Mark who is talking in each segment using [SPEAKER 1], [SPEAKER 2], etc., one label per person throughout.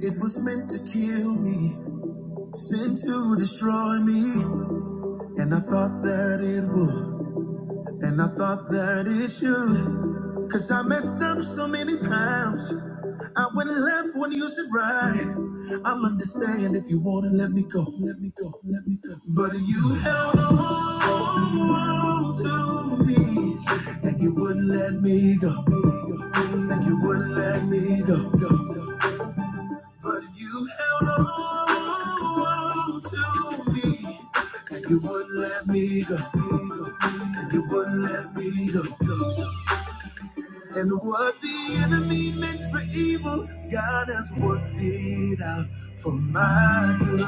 [SPEAKER 1] It was meant to kill me, sent to destroy me. And I thought that it would, and I thought that it should. Cause I messed up so many times. I went left when you said right. I'll understand if you wanna let me go, let me go, let me go. But you held on to me, and you wouldn't let me go, and you wouldn't let me go, go. go. But you held on to me, and you wouldn't let me go, and you wouldn't let me go. go. And what the enemy meant for evil, God has worked it out for my good.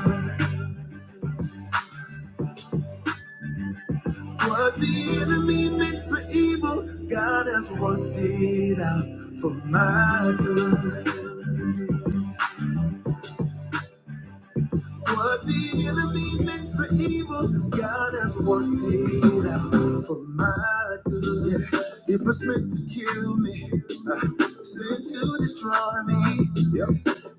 [SPEAKER 1] What the enemy meant for evil, God has worked it out for my good. What the enemy meant for evil, God has worked it out for my good. It was meant to kill me, uh, sent to destroy me. Yeah.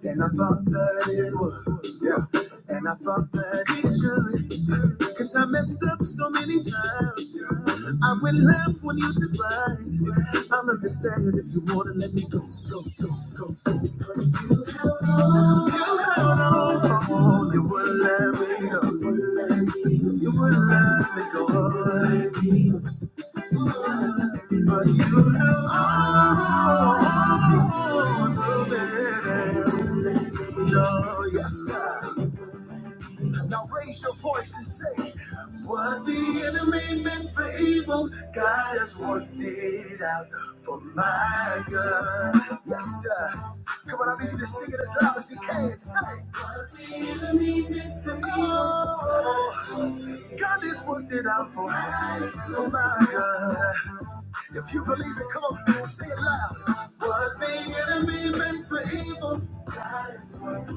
[SPEAKER 1] And I thought that it was. Yeah. And I thought that it should. Cause I messed up so many times. I will laugh when you said right. I'll understand if you wanna let me go, go, go, go, go. But you held on, you held on, oh, you wouldn't let me go. You wouldn't let me go, but you held on, no, yes sir. Now raise your voice and say, What the enemy meant for evil, God has worked it out for my good. Yes, sir. Come on, I need you to sing it as loud as you can. Say, What the enemy meant for evil, oh, God has worked it out for my, for my good. If you believe it, come on, sing it loud. What the enemy meant for evil, God has worked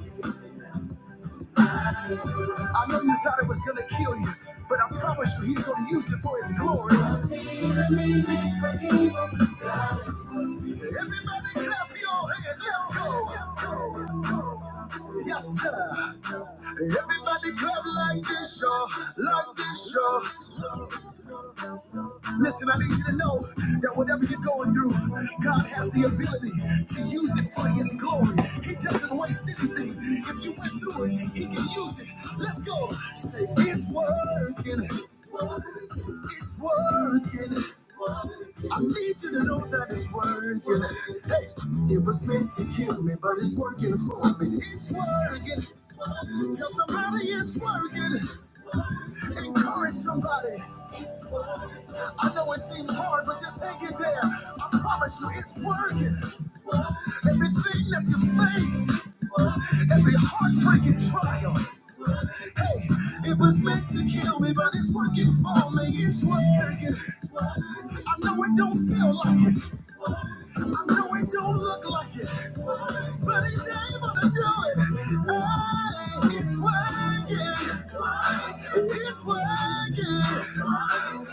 [SPEAKER 1] I know you thought it was gonna kill you, but I promise you he's gonna use it for his glory. Everybody clap your hands, let's go. Yes, sir. Everybody clap like this, y'all, like this, y'all. Listen, I need you to know that whatever you're going through, God has the ability to use it for His glory. He doesn't waste anything. If you went through it, He can use it. Let's go. Say, it's working. It's working. It's working. It's working. I need you to know that it's working. Hey, it was meant to kill me, but it's working for me. It's working. It's working. Tell somebody it's working. Encourage somebody. I know it seems hard, but just hang in there. I promise you, it's working. Everything that you face, every heartbreaking trial, hey, it was meant to kill me, but it's working for me. It's working. I know it don't feel like it. I know it don't look like it, but he's able to do it. Hey, it's working. It's working.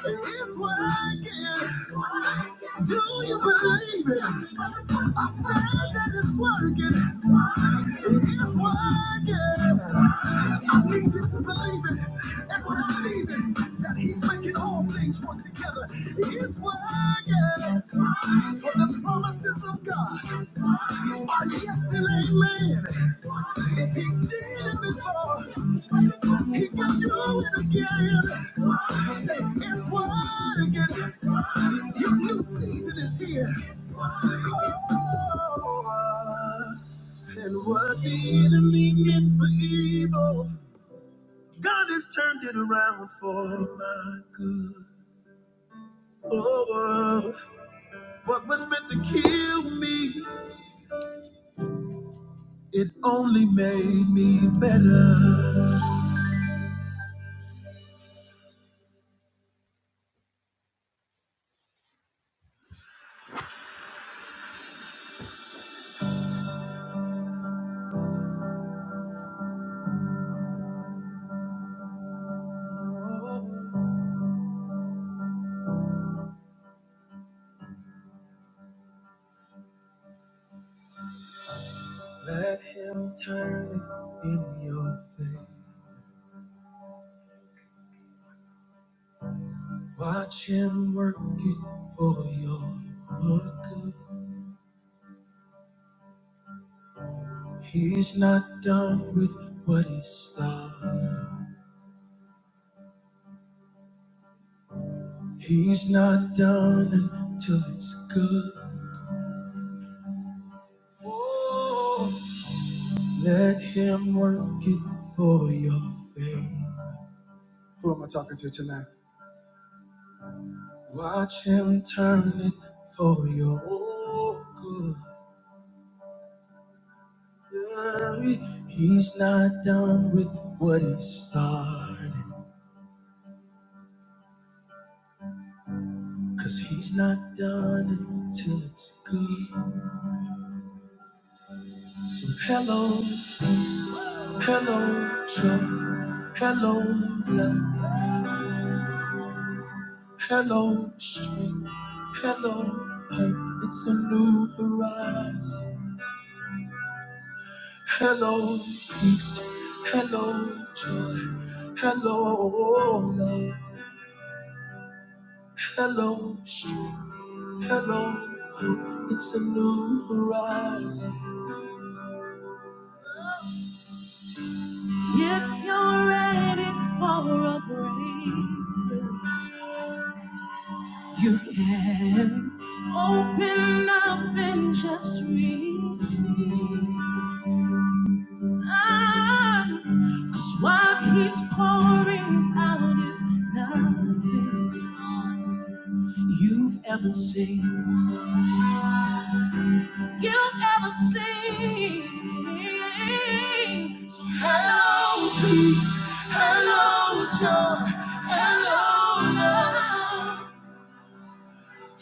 [SPEAKER 1] It's working. Do you believe it? I said that it's working. It's working. I need you to believe it and receive it that He's making all things work together. It's working. For the promises of God are yes and amen. If He did it before, he can do it again. Say, it's wide again. Your new season is here. And what the enemy meant for evil, God has turned it around for my good. Oh, oh. what was meant to kill me, it only made me better. Let him turn it in your favor. Watch him work it for your good. He's not done with what he started. He's not done until it's good. Let him work it for your faith. Who am I talking to tonight? Watch him turn it for your good. Hey, He's not done with what he started. Cause he's not done until it's good. So hello, peace. Hello, joy. Hello, love. Hello, strength. Hello, hope. It's a new horizon. Hello, peace. Hello, joy. Hello, love. Hello, strength. Hello, hope. It's a new horizon. If you're ready for a break. You can open up and just receive. Ah, Cause what he's pouring out is nothing you've ever seen. You've ever seen. So hello, peace. Hello, joy. Hello, love.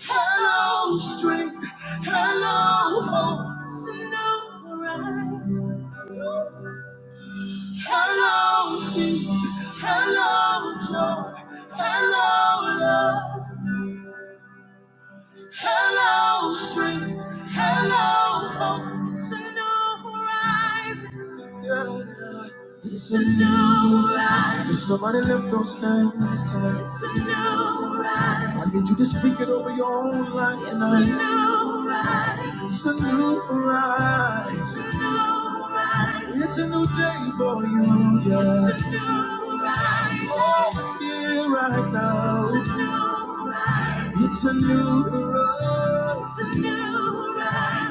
[SPEAKER 1] Hello, strength. Hello, hope. So no Sunrise. Hello, peace. Hello, joy. Hello, love. Hello, spring. Hello, hope. It's a new horizon. Yeah. It's a new horizon. Can somebody lift those hands and say, It's a new horizon. I need you to speak it over your own life it's tonight. A new horizon. It's a new horizon. It's a new horizon. It's a new day for you. Yeah. It's a new horizon. Oh, it's here right now. It's a new horizon. It's a new horizon.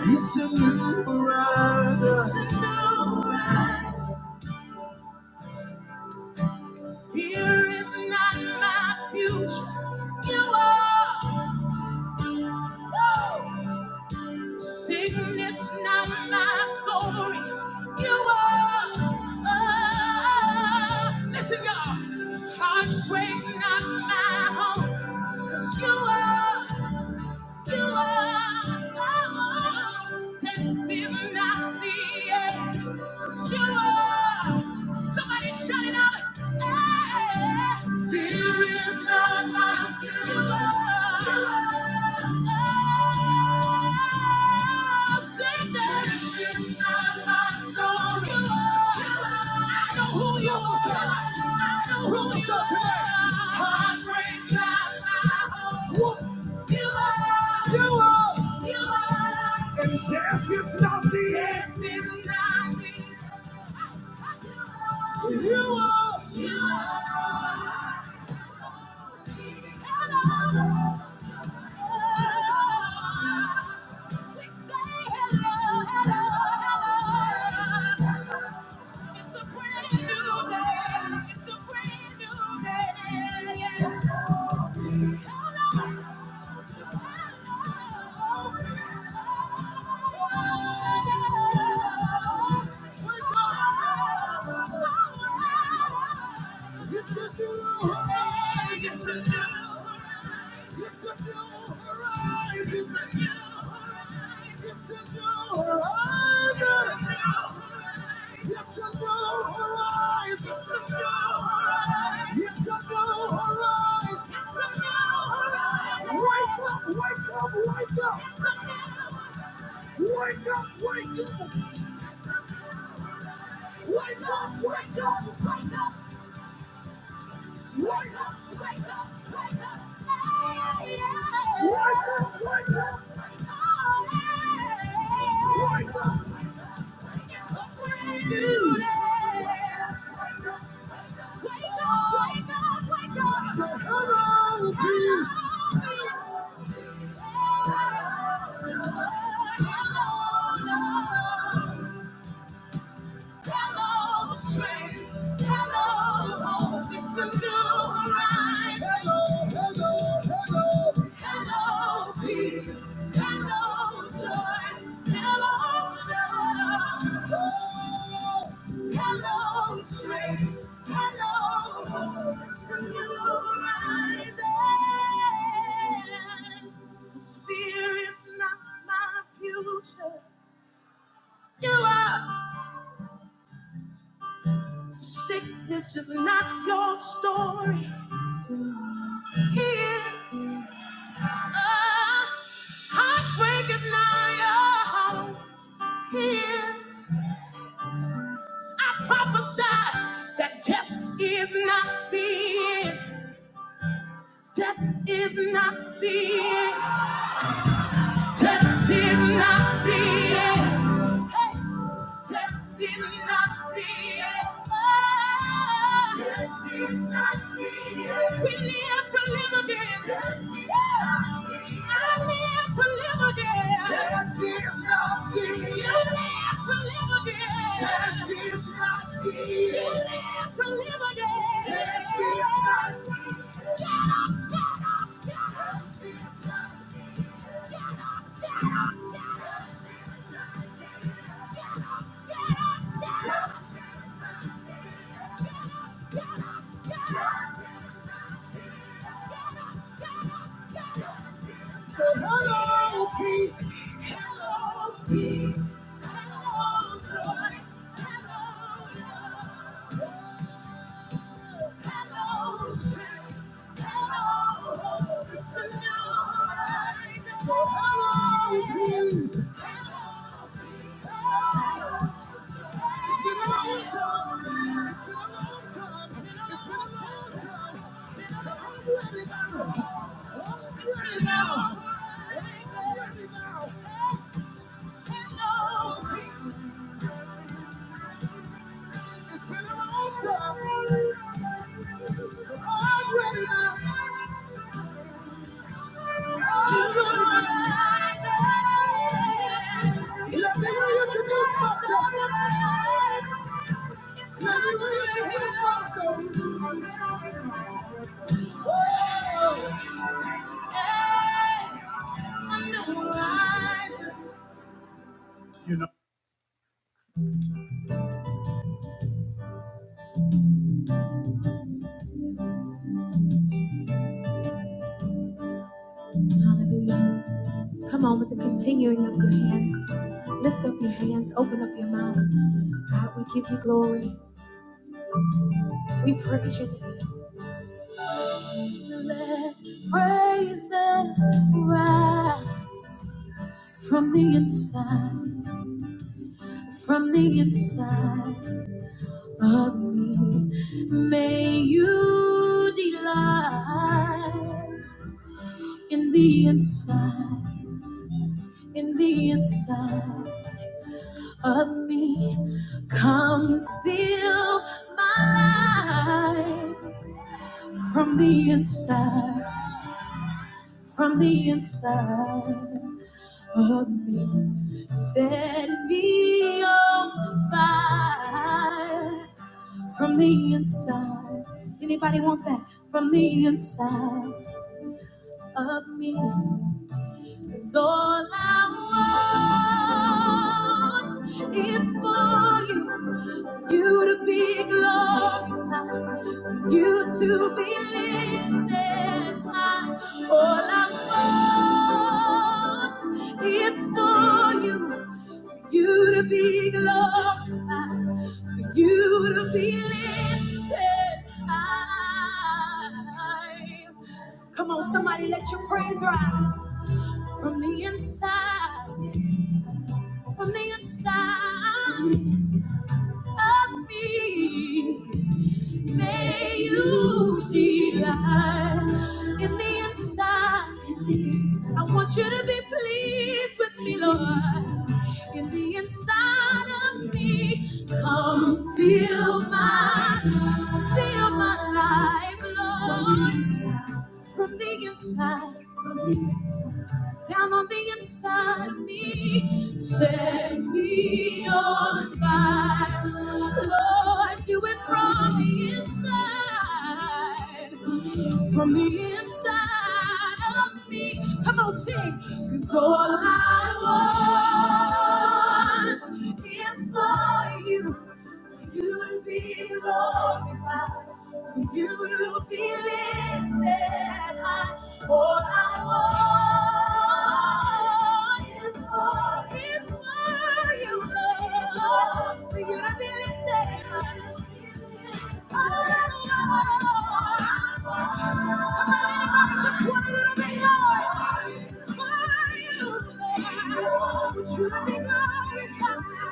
[SPEAKER 1] It's a new horizon. It's a new horizon. Fear is not my future. You are. Woo! Sickness not my story. You are. Listen, y'all. Heartbreak's not my home. 'Cause you are. You are Lord, and not the end. You are. Somebody shout it out. Hey. Fear is not my future. It's not my story. You are. I know who you are. I know who you are today. I break down my hope. What? You are. You are. You are. And death is not the end. Death is not the end. You are. You are. You are. Hello. It's a new horizon. It's a new horizon. It's a new horizon. It's a new horizon. It's a new horizon. It's a new horizon. It's a new horizon. It's a new horizon. Wake up, wake up, wake up. Wake up, wake up, wake up. Wake up! Wake up! wake wake up, wake up, Hello, strength. Hello, hope. It's a new horizon. Hello, hello, hello. Hello, peace. Hello, joy. Hello, love. Hello, strength. Hello, hope. It's a new horizon. Fear is not my future. You are. Sickness is not your story. Here's uh, heartbreak is not your home. Here's I prophesy that death is not the end. Death is not the end. Death is not the end. Death is not the end. We live to live again. I live to live again. Death is not the end. You live to live again. Death is not the end. You live to live again. Death is not the end. So hello, peace. Hello. It's been a long time. You know. Hallelujah. Come on with the continuing of your hands. Lift up your hands. Open up your mouth. God, we give you glory. We praise your name. Let praises rise. From the inside, from the inside of me, may you delight in the inside, in the inside of me. Come fill my life from the inside, from the inside of me. Set me on fire from the inside. Anybody want that from the inside of me? Cause all I want is for you, you to be glorified, you to be lifted high. All I want is for you, you to be glorified. You to be lifted high. Come on, somebody, let your praise rise from the inside, from the inside of me. May you delight in the inside. I want you to be pleased with me, Lord. In the inside of me, come fill my, fill my life, Lord. From the inside, from the inside down on the inside of me. Set me on fire. Lord, do it from the inside. From the inside of me. Come on, sing. Cause all I want is for you. To you to be glorified. To you to be lifted high. All I want is for, is for you, Lord. For you to be lifted high. All I want. Come on, anybody, just want a little bit, Lord. Is for you, Lord. Would you to be glorified?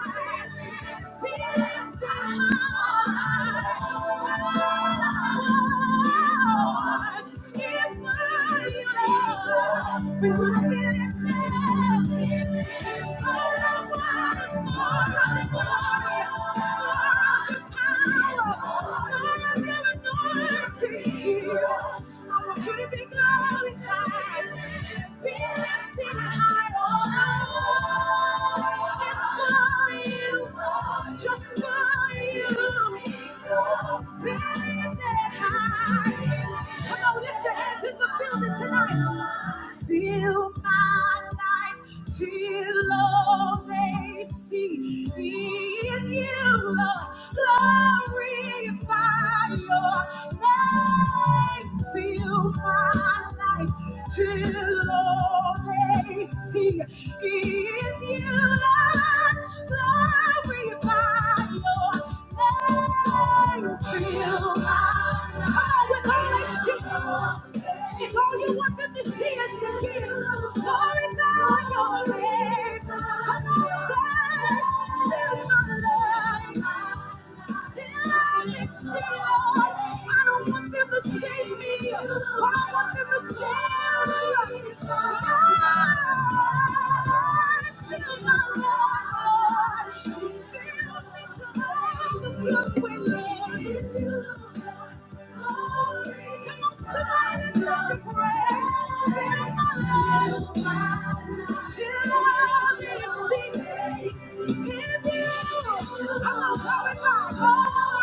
[SPEAKER 1] I want you to be glorified, be lifted high. oh, just for you, baby. Come on, lift your hands in the building tonight. Feel my life, feel all they see. It's you, Lord. Glorify your name. Feel my life, feel See if you love, glorify your name. Fill my heart. Come on, with all that shit. If all you want them to see is the king, glorify your name. Come on, say, fill my life. I don't want them to shame me. I don't want them. I'm going to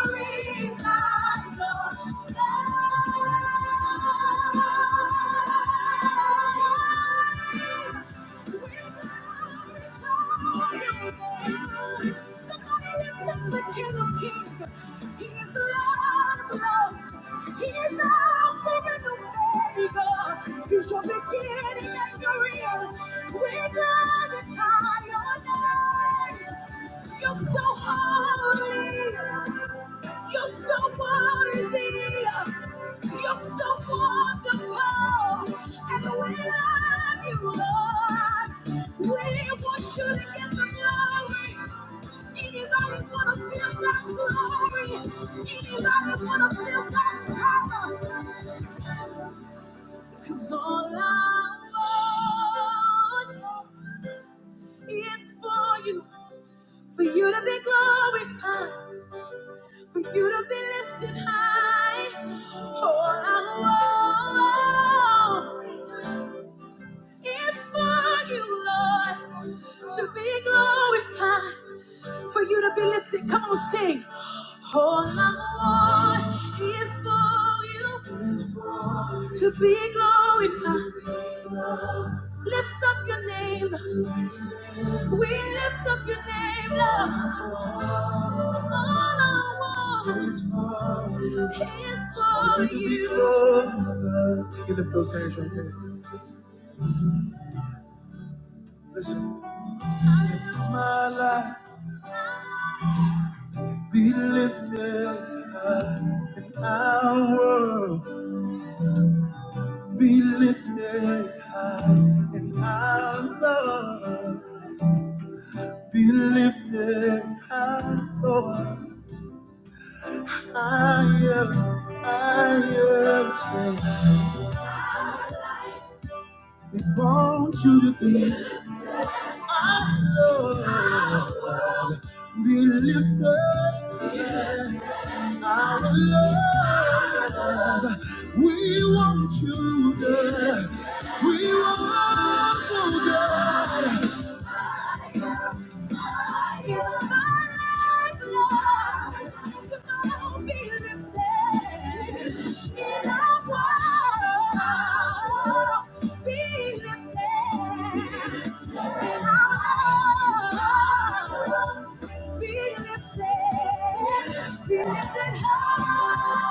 [SPEAKER 1] Glory, my Lord. He is love forevermore. He is is He's the beginning and your end. We glorify your name. You're so holy. You're so worthy. You're so wonderful. And we love you, Lord. We want you to get the glory. Anybody want to feel God's glory? Anybody want to feel God's power? Cause all I want it's for you, for you to be glorified, for you to be lifted high. All I want is for you, Lord, to be glorified, for you to be lifted. Come on, sing. All I want is for you to be glorified. Lift up your name, we lift up your name, Lord. All I want. want you to be close. You lift those hands right there. Listen, my life be lifted high, and our world be lifted high, and our love be lifted high, Lord. Higher, higher, say, we want you to be our Lord, be lifted. Our love, we want you, girl. We want you, girl. Be lifted high,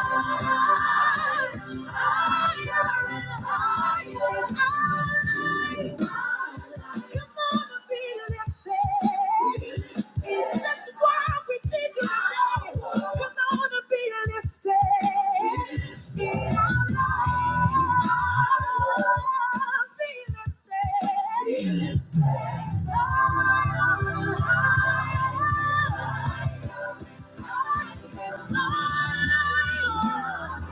[SPEAKER 1] higher and higher. Come on Thank you.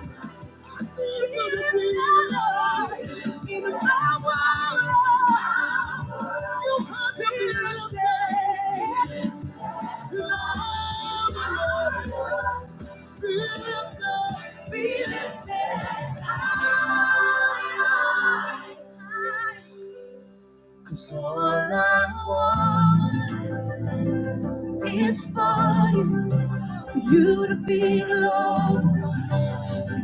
[SPEAKER 1] Cause all I want is for you, for you to be glorified.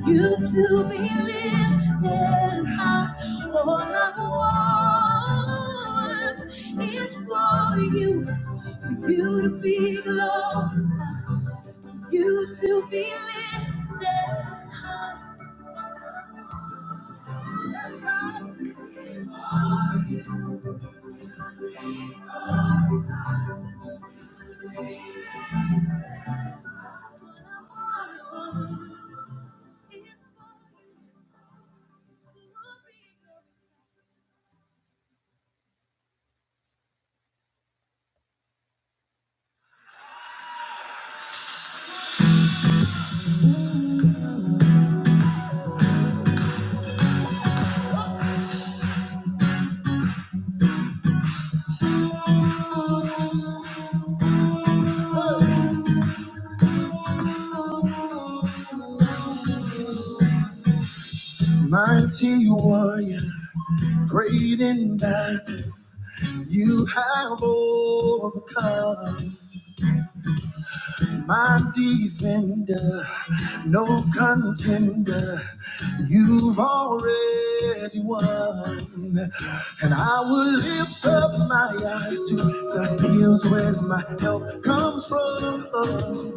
[SPEAKER 1] You to be lifted high. All I want is for you, for you to be glorified. You to be lifted high. That's right. It's for you, Lord, to be lifted high. All I want is for you to be- Mighty warrior. Great in that you have overcome my defender, no contender. You've already won. And I will lift up my eyes to the hills where my help comes from.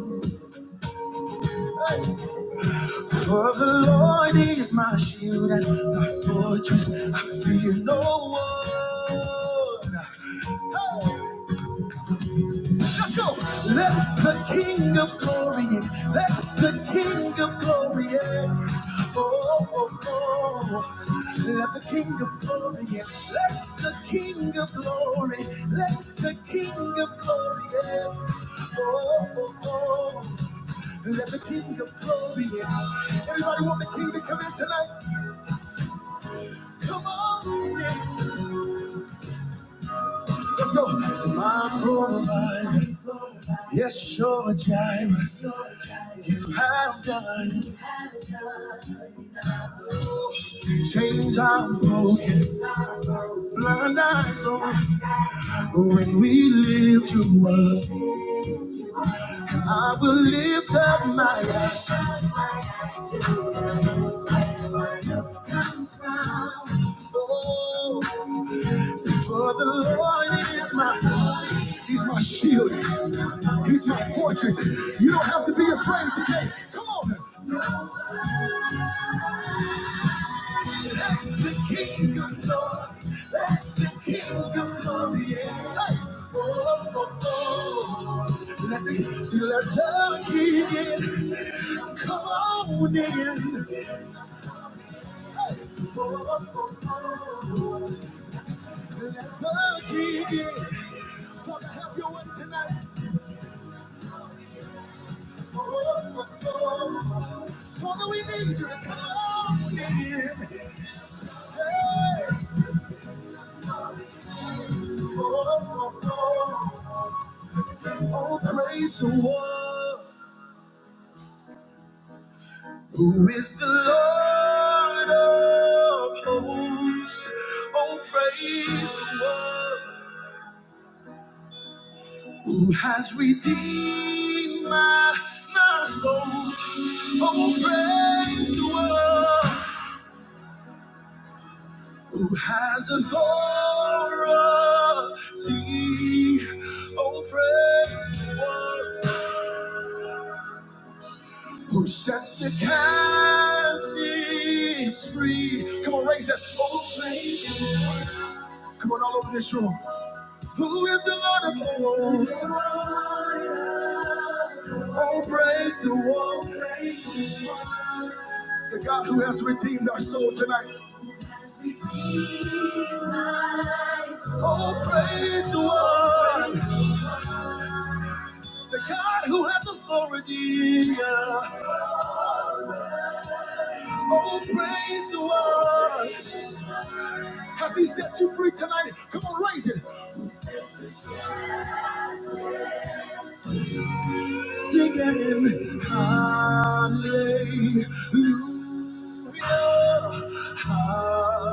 [SPEAKER 1] For the Lord is my shield and my fortress. I fear no one. Hey! Let's go. Let the King of Glory in. Let the King of Glory in. Oh, oh, oh. Let the King of Glory in. Let the King of Glory. Let the King of Glory in. Oh, oh, oh. Let the King of Glory in. Everybody want the King to come in tonight? Come on. in. Let's go. So my provider, yes, sure, Jireh. you have done. Chains are broken, blind eyes open. When we lift you up, I will lift up my eyes. Oh, say for the Lord is my, He's my shield, He's my fortress. You don't have to be afraid today. Come on. Let the King of glory, let the King of glory, yeah. Hey. Oh, oh, oh. Let me see, let the King in. Come on in. Hey. Oh, oh, oh, oh. Let the King in. Father, have your way tonight. Oh, oh, oh. Father, we need you to come in. Hey. Oh, oh, oh. Oh, praise the one who is the Lord of hosts. Oh, praise the one who has redeemed my, my soul. Oh, praise the one who has authority. Oh, praise the one. Who sets the captives free? Come on, raise that. Oh, praise. Come on, all over this room. Who is the Lord of hosts? Oh, praise the one, the God who has redeemed our soul tonight. Oh, praise the one, the God who has authority. Oh, praise the one. Has He set you free tonight? Come on, raise it. Sing it, hallelujah, hallelujah.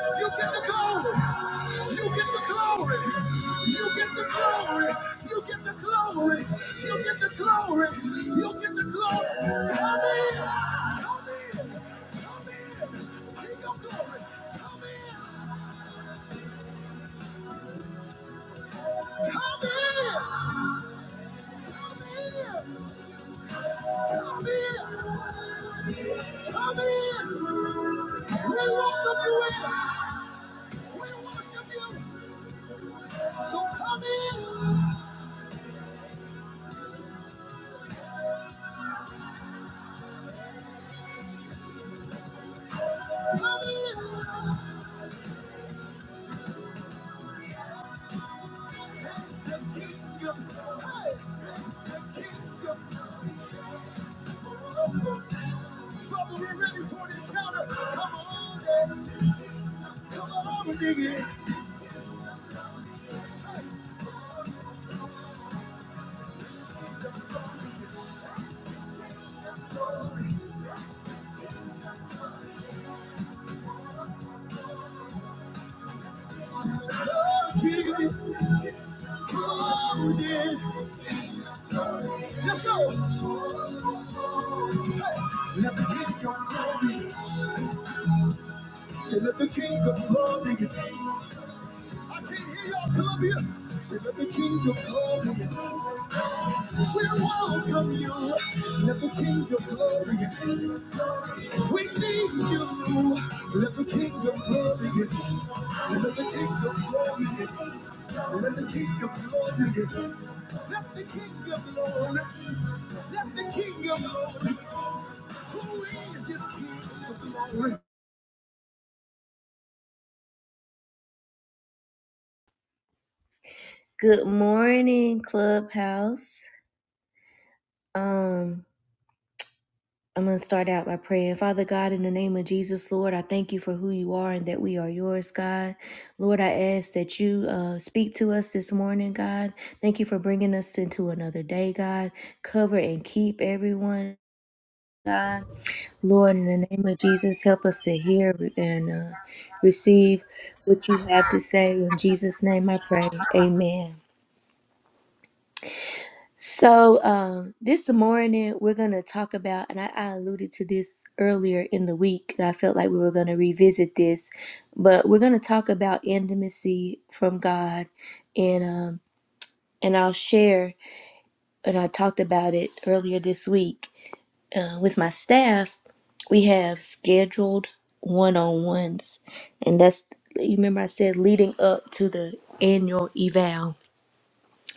[SPEAKER 1] You get the glory. You get the glory. You get the glory. You get the glory. You get the glory. You get the glory. Come in. Come in. King of glory. Come in. Come in. Come in! Come in! We welcome you in! We worship you! So come in! Come in! The kingdom! Hey! The kingdom! Father, we're ready for the encounter! Come on in! Come on in! Sing the Lord, Come on in! Let's go! Let the king of glory. Say, let the king of glory. I can't hear y'all, Columbia. Say, let the king of glory. We welcome you. Let the king of glory. We need you. Let the kingdom glory in. Let the kingdom glory in. Let the kingdom glory in. Let the kingdom glory. Let the kingdom glory. Who is this king of glory? Good morning, Clubhouse. Um. I'm going to start out by praying. Father God, in the name of Jesus, Lord, I thank you for who you are and that we are yours, God. Lord, I ask that you uh, speak to us this morning, God. Thank you for bringing us into another day, God. Cover and keep everyone, God. Lord, in the name of Jesus, help us to hear and uh, receive what you have to say. In Jesus' name I pray. Amen. So, um, this morning we're going to talk about, and I, I alluded to this earlier in the week. I felt like we were going to revisit this, but we're going to talk about intimacy from God, and um, and I'll share. And I talked about it earlier this week uh, with my staff. We have scheduled one-on-ones, and that's you remember I said leading up to the annual eval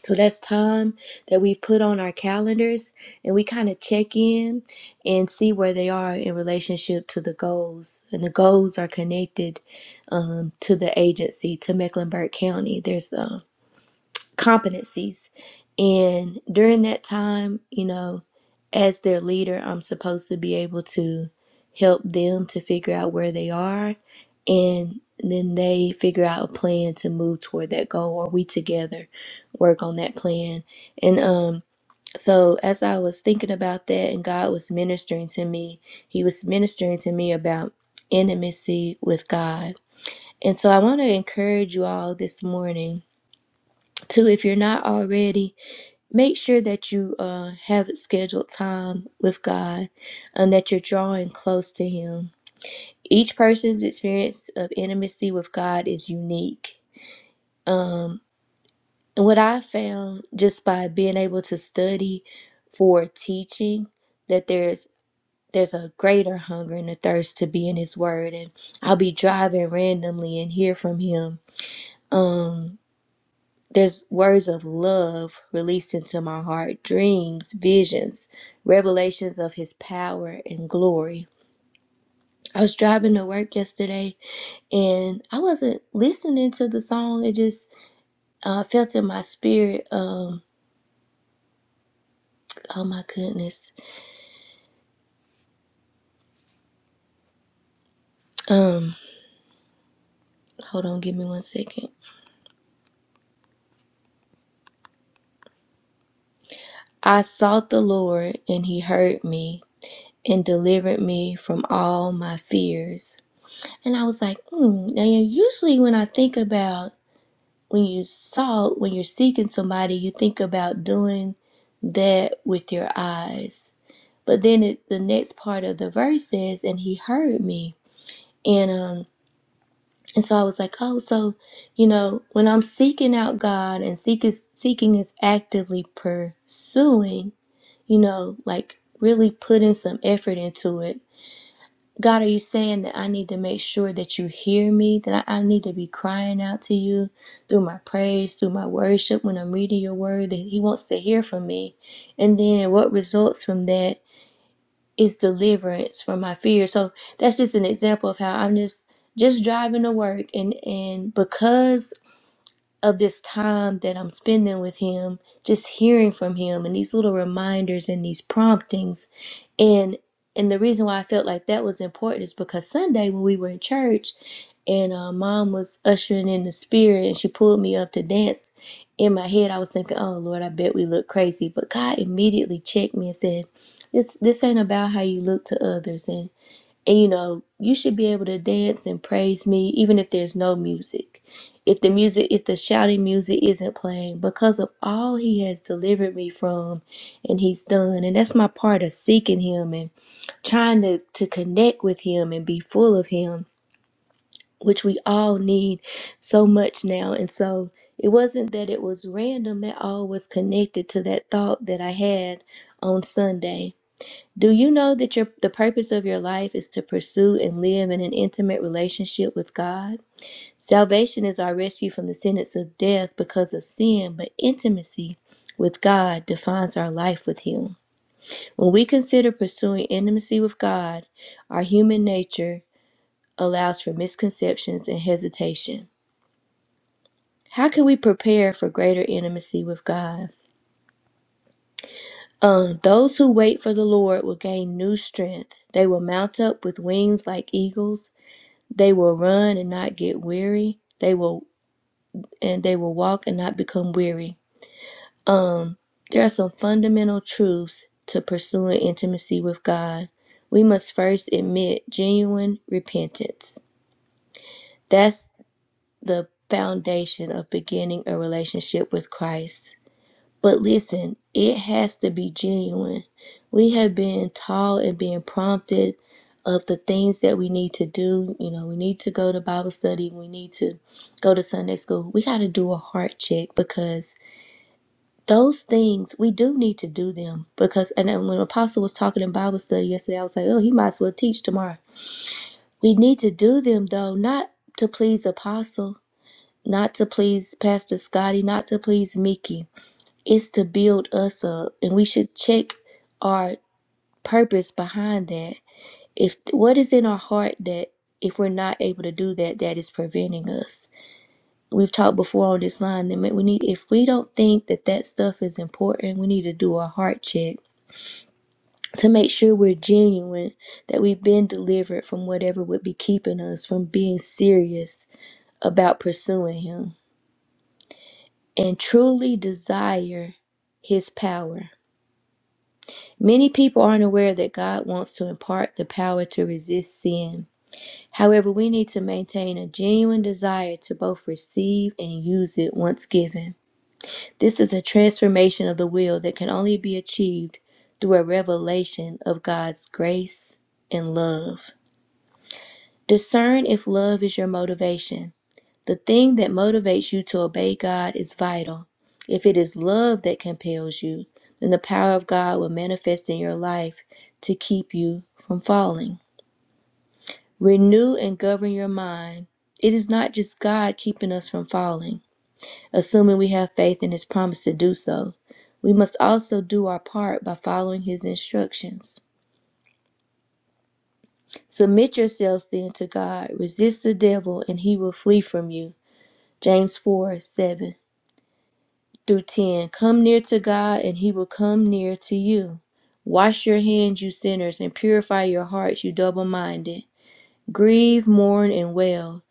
[SPEAKER 1] so that's time that we put on our calendars and we kind of check in and see where they are in relationship to the goals. And the goals are connected um, to the agency, to Mecklenburg County. There's um, competencies. And during that time, you know, as their leader, I'm supposed to be able to help them to figure out where they are. And then they figure out a plan to move toward that goal, or we together work on that plan. And um, so, as I was thinking about that, and God was ministering to me, He was ministering to me about intimacy with God. And so, I want to encourage you all this morning to, if you're not already, make sure that you uh, have scheduled time with God and that you're drawing close to Him. Each person's experience of intimacy with God is unique. And what I found just by being able to study for teaching that there's there's a greater hunger and a thirst to be in his word and I'll be driving randomly and hear from him. Um There's words of love released into my heart, dreams, visions, revelations of his power and glory. I was driving to work yesterday and I wasn't listening to the song. It just uh, felt in my spirit. Um, oh my goodness. Um, hold on, give me one second. I sought the Lord, and He heard me and delivered me from all my fears. And I was like, hmm. And usually when I think about when you salt, when you're seeking somebody, you think about doing that with your eyes. But then it, the next part of the verse says, and he heard me. And um and so I was like, oh, so you know, when I'm seeking out God and seek is, seeking is actively pursuing, you know, like really putting some effort into it God, are you saying that I need to make sure that you hear me? That I, I need to be crying out to you through my praise, through my worship, when I'm reading your word, that He wants to hear from me. And then what results from that is deliverance from my fear. So that's just an example of how I'm just just driving to work and and because of this time that I'm spending with him, just hearing from him and these little reminders and these promptings. And and the reason why I felt like that was important is because Sunday when we were in church and uh, mom was ushering in the spirit and she pulled me up to dance, in my head I was thinking, Oh Lord, I bet we look crazy. But God immediately checked me and said, This this ain't about how you look to others and you know, you should be able to dance and praise me even if there's no music. If the music, if the shouting music isn't playing, because of all he has delivered me from and he's done. And that's my part of seeking him and trying to, to connect with him and be full of him, which we all need so much now. And so it wasn't that it was random, that all was connected to that thought that I had on Sunday do you know that your the purpose of your life is to pursue and live in an intimate relationship with God? Salvation is our rescue from the sentence of death because of sin, but intimacy with God defines our life with Him. When we consider pursuing intimacy with God, our human nature allows for misconceptions and hesitation. How can we prepare for greater intimacy with God? Uh, those who wait for the Lord will gain new strength. They will mount up with wings like eagles. They will run and not get weary. They will and they will walk and not become weary. There are some fundamental truths to pursuing intimacy with God. We must first admit genuine repentance. That's the foundation of beginning a relationship with Christ. But listen, it has to be genuine. We have been taught and being prompted of the things that we need to do. You know, we need to go to Bible study, we need to go to Sunday school. We got to do a heart check because those things we do need to do them. Because, and then when Apostle was talking in Bible study yesterday, I was like, oh, he might as well teach tomorrow. We need to do them though, not to please Apostle, not to please Pastor Scotty, not to please Mickey it's to build us up, and we should check our purpose behind that. If what is in our heart that if we're not able to do that, that is preventing us. We've talked before on this line that we need if we don't think that that stuff is important, we need to do a heart check to make sure we're genuine, that we've been delivered from whatever would be keeping us from being serious about pursuing Him and truly desire His power. Many people aren't aware that God wants to impart the power to resist sin. However, we need to maintain a genuine desire to both receive and use it once given. This is a transformation of the will that can only be achieved through a revelation of God's grace and love. Discern if love is your motivation. The thing that motivates you to obey God is vital. If it is love that compels you, then the power of God will manifest in your life to keep you from falling. Renew and govern your mind. It is not just God keeping us from falling, assuming we have faith in His promise to do so. We must also do our part by following His instructions. Submit yourselves then to God, resist the devil, and he will flee from you. James 4 7 through 10. Come near to God, and he will come near to you. Wash your hands, you sinners, and purify your hearts, you double minded. Grieve, mourn, and wail.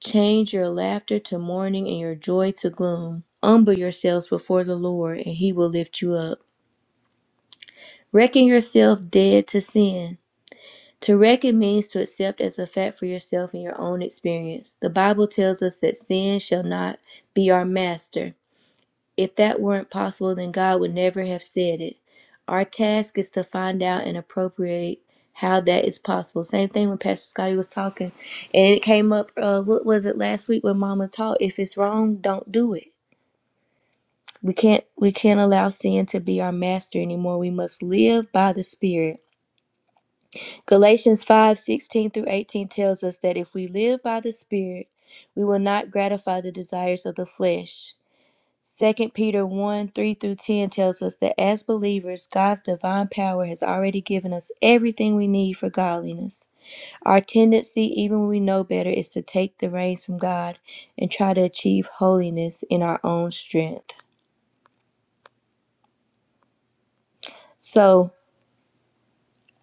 [SPEAKER 1] Change your laughter to mourning and your joy to gloom. Humble yourselves before the Lord, and he will lift you up. Reckon yourself dead to sin. To reckon means to accept as a fact for yourself in your own experience. The Bible tells us that sin shall not be our master. If that weren't possible, then God would never have said it. Our task is to find out and appropriate how that is possible. Same thing when Pastor Scotty was talking, and it came up. Uh, what was it last week when Mama taught? If it's wrong, don't do it. We can't we can't allow sin to be our master anymore. We must live by the Spirit. Galatians five sixteen through 18 tells us that if we live by the Spirit, we will not gratify the desires of the flesh. Second Peter 1 3 through 10 tells us that as believers, God's divine power has already given us everything we need for godliness. Our tendency, even when we know better, is to take the reins from God and try to achieve holiness in our own strength. So,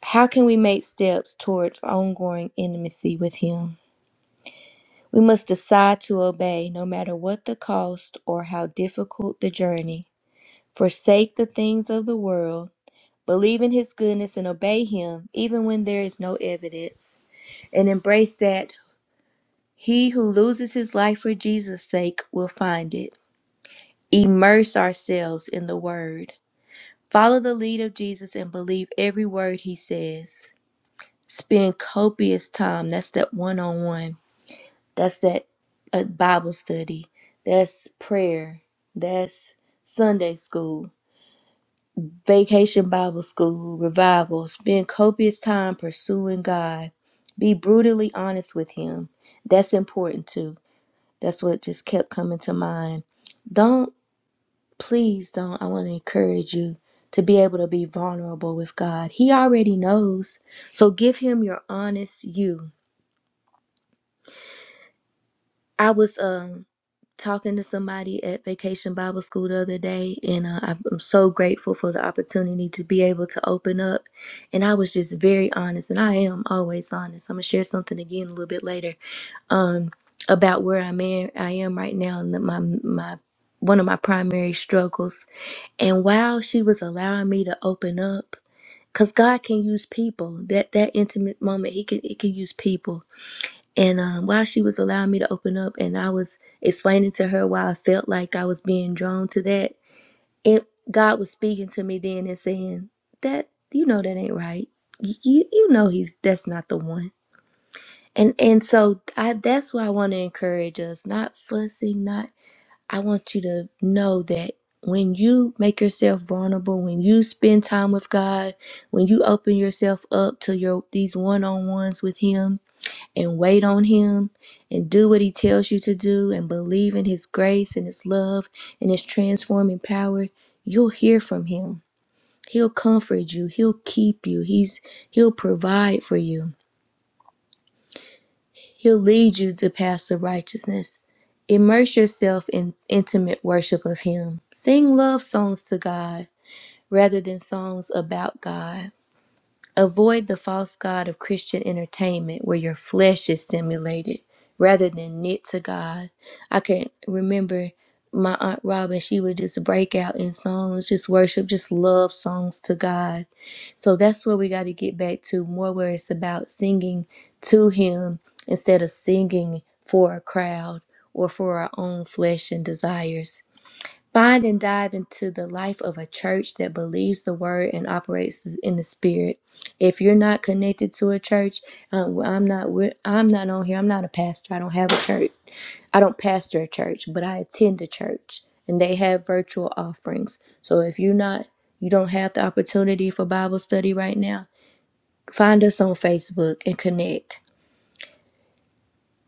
[SPEAKER 1] how can we make steps toward ongoing intimacy with Him? We must decide to obey no matter what the cost or how difficult the journey. Forsake the things of the world Believe in his goodness and obey him, even when there is no evidence, and embrace that he who loses his life for Jesus' sake will find it. Immerse ourselves in the word. Follow the lead of Jesus and believe every word he says. Spend copious time. That's that one on one. That's that uh, Bible study. That's prayer. That's Sunday school Vacation Bible School, revivals, spend copious time pursuing God. Be brutally honest with Him. That's important too. That's what just kept coming to mind. Don't, please don't, I want to encourage you to be able to be vulnerable with God. He already knows. So give Him your honest you. I was um talking to somebody at Vacation Bible School the other day, and uh, I'm I'm so grateful for the opportunity to be able to open up. And I was just very honest, and I am always honest. I'm gonna share something again a little bit later um, about where I'm at, I am right now, and that my my one of my primary struggles. And while she was allowing me to open up. Cause God can use people. That that intimate moment, He can He can use people and um, while she was allowing me to open up and I was explaining to her why I felt like I was being drawn to that, it, God was speaking to me then and saying, That, you know, that ain't right. You, you, you know, he's, that's not the one. And, and so I, that's why I want to encourage us, not fussing, not, I want you to know that when you make yourself vulnerable, when you spend time with God, when you open yourself up to your, these one-on-ones with him, and wait on Him and do what He tells you to do and believe in His grace and His love and His transforming power, you'll hear from Him. He'll comfort you. He'll keep you. He's He'll provide for you. He'll lead you the paths of righteousness. Immerse yourself in intimate worship of Him. Sing love songs to God rather than songs about God. Avoid the false god of Christian entertainment where your flesh is stimulated rather than knit to God. I can remember my Aunt Robin, she would just break out in songs, just worship, just love songs to God. So that's where we got to get back to more where it's about singing to Him instead of singing for a crowd or for our own flesh and desires. Find and dive into the life of a church that believes the word and operates in the spirit. If you're not connected to a church, um, I'm not. with- I'm not on here. I'm not a pastor. I don't have a church. I don't pastor a church, but I attend a church, and they have virtual offerings. So if you're not, you don't have the opportunity for Bible study right now. Find us on Facebook and connect.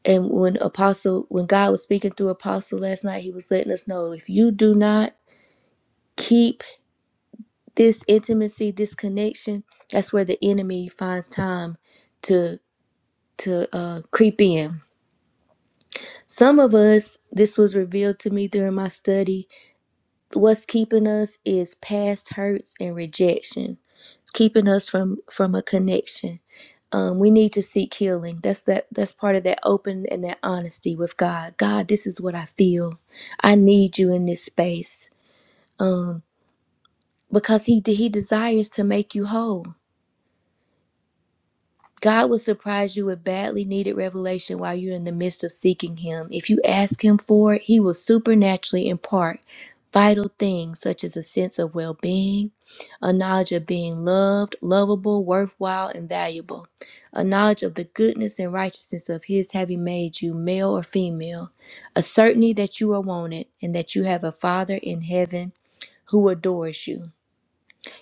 [SPEAKER 1] And when Apostle, when God was speaking through Apostle last night, he was letting us know if you do not keep this intimacy, this connection, that's where the enemy finds time to to uh, creep in. Some of us, this was revealed to me during my study. What's keeping us is past hurts and rejection. It's keeping us from from a connection. Um, we need to seek healing. That's that. That's part of that open and that honesty with God. God, this is what I feel. I need you in this space um, because He He desires to make you whole God will surprise you with badly needed revelation while you're in the midst of seeking Him. If you ask Him for it, He will supernaturally impart vital things such as a sense of well being, a knowledge of being loved, lovable, worthwhile, and valuable, a knowledge of the goodness and righteousness of His having made you male or female, a certainty that you are wanted and that you have a Father in heaven who adores you.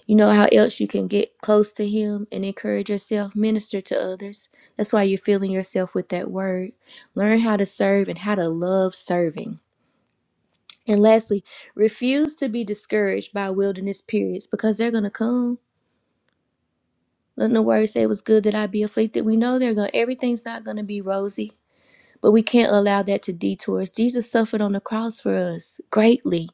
[SPEAKER 1] You know how else you can get close to Him and encourage yourself, minister to others. That's why you're filling yourself with that word. Learn how to serve and how to love serving. And lastly, refuse to be discouraged by wilderness periods because they're going to come. Let the word say it was good that I be afflicted. We know they're going. to Everything's not going to be rosy, but we can't allow that to detour us. Jesus suffered on the cross for us greatly,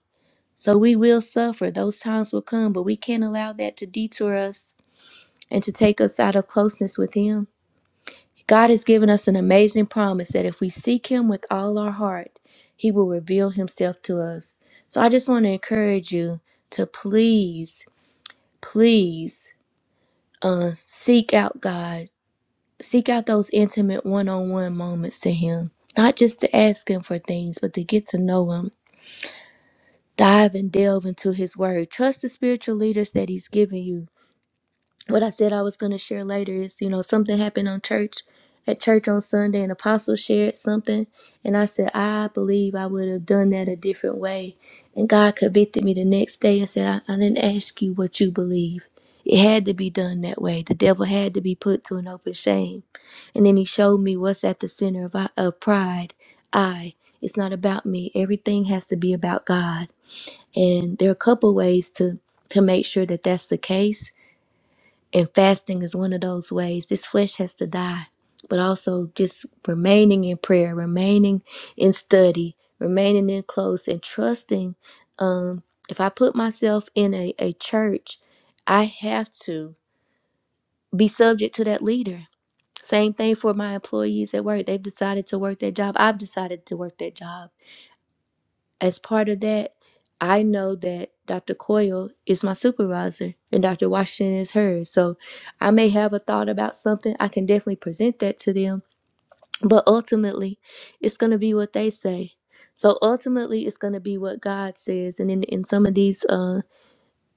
[SPEAKER 1] so we will suffer. Those times will come, but we can't allow that to detour us and to take us out of closeness with Him. God has given us an amazing promise that if we seek Him with all our heart, He will reveal Himself to us. So I just want to encourage you to please, please uh, seek out God. Seek out those intimate one on one moments to Him, not just to ask Him for things, but to get to know Him. Dive and delve into His Word. Trust the spiritual leaders that He's given you what I said I was going to share later is, you know, something happened on church, at church on Sunday, and Apostle shared something. And I said, I believe I would have done that a different way. And God convicted me the next day and said, I, I didn't ask you what you believe. It had to be done that way. The devil had to be put to an open shame. And then he showed me what's at the center of, I, of pride. I. It's not about me. Everything has to be about God. And there are a couple ways to to make sure that that's the case and fasting is one of those ways. This flesh has to die, but also just remaining in prayer, remaining in study, remaining in close, and trusting. Um, if I put myself in a, a church, I have to be subject to that leader. Same thing for my employees at work. They've decided to work that job. I've decided to work that job as part of that, I know that Dr. Coyle is my supervisor and Dr. Washington is hers. So I may have a thought about something. I can definitely present that to them. But ultimately, it's going to be what they say. So ultimately, it's going to be what God says. And in, in some of these uh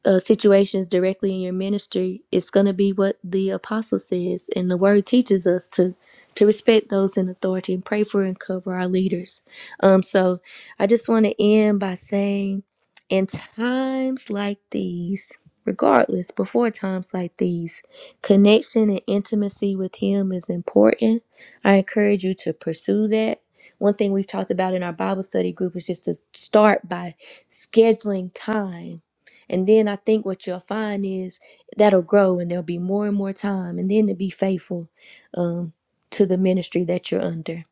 [SPEAKER 1] uh, situations directly in your ministry, it's going to be what the apostle says, and the word teaches us to to respect those in authority and pray for and cover our leaders. Um, so I just want to end by saying, in times like these, regardless, before times like these, connection and intimacy with Him is important. I encourage you to pursue that. One thing we've talked about in our Bible study group is just to start by scheduling time and then I think what you'll find is that'll grow and there'll be more and more time and then to be faithful um, to the ministry that you're under.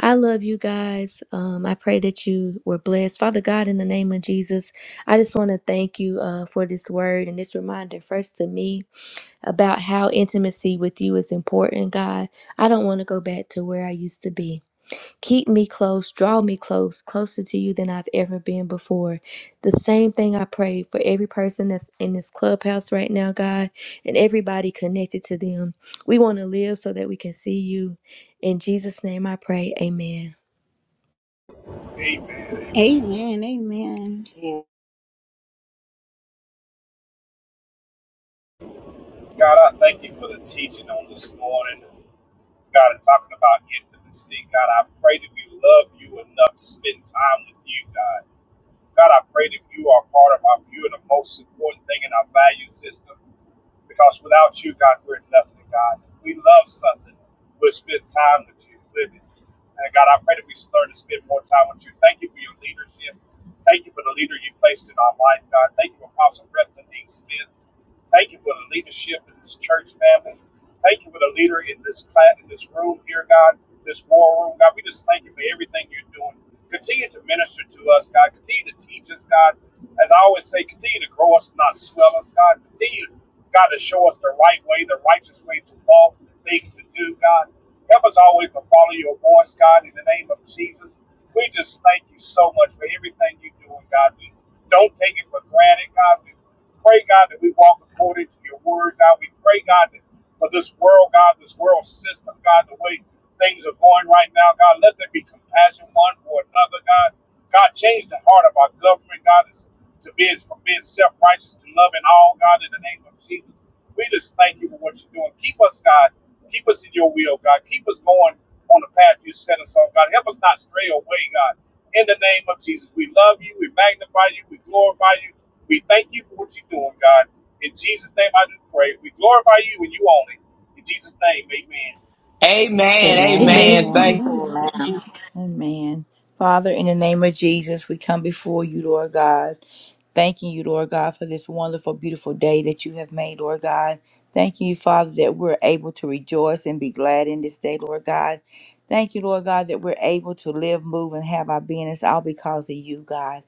[SPEAKER 1] I love you guys. Um, I pray that you were blessed. Father God, in the name of Jesus, I just want to thank you uh, for this word and this reminder, first to me, about how intimacy with you is important, God. I don't want to go back to where I used to be. Keep me close, draw me close, closer to you than I've ever been before. The same thing I pray for every person that's in this clubhouse right now, God, and everybody connected to them. We want to live so that we can see you. In Jesus' name I pray, amen.
[SPEAKER 2] Amen.
[SPEAKER 3] Amen. Amen.
[SPEAKER 4] Amen.
[SPEAKER 2] God, I thank you for the teaching on this morning. God, and talking about intimacy. God, I pray that we love you enough to spend time with you, God. God, I pray that you are part of our view and the most important thing in our value system. Because without you, God, we're nothing, God. If we love something, we'll spend time with you, living. And God, I pray that we learn to spend more time with you. Thank you for your leadership. Thank you for the leader you placed in our life, God. Thank you for Apostle Preston D. Smith. Thank you for the leadership in this church family. Thank you for the leader in this class, in this room here, God, this war room, God. We just thank you for everything you're doing. Continue to minister to us, God. Continue to teach us, God. As I always say, continue to grow us, not swell us, God. Continue, God, to show us the right way, the righteous way to walk, the things to do, God. Help us always to follow your voice, God, in the name of Jesus. We just thank you so much for everything you're doing, God. We don't take it for granted, God. We Pray, God, that we walk according to your word, God. We pray, God, that for this world, God, this world system, God, the way things are going right now, God, let there be compassion one for another, God. God, change the heart of our government, God, to be from being self righteous to loving all, God, in the name of Jesus. We just thank you for what you're doing. Keep us, God. Keep us in your will, God. Keep us going on the path you set us on, God. Help us not stray away, God. In the name of Jesus, we love you. We magnify you. We glorify you. We thank you for what you're doing, God. In Jesus' name, I do pray. We glorify you and you only. In Jesus' name, amen.
[SPEAKER 5] Amen. Amen.
[SPEAKER 1] Amen.
[SPEAKER 6] Amen.
[SPEAKER 5] Thank.
[SPEAKER 3] Amen.
[SPEAKER 4] Amen.
[SPEAKER 6] Amen. Father, in the name of Jesus, we come before you, Lord God. Thanking you, Lord God, for this wonderful, beautiful day that you have made, Lord God. Thank you, Father, that we're able to rejoice and be glad in this day, Lord God. Thank you, Lord God, that we're able to live, move, and have our being. It's all because of you, God.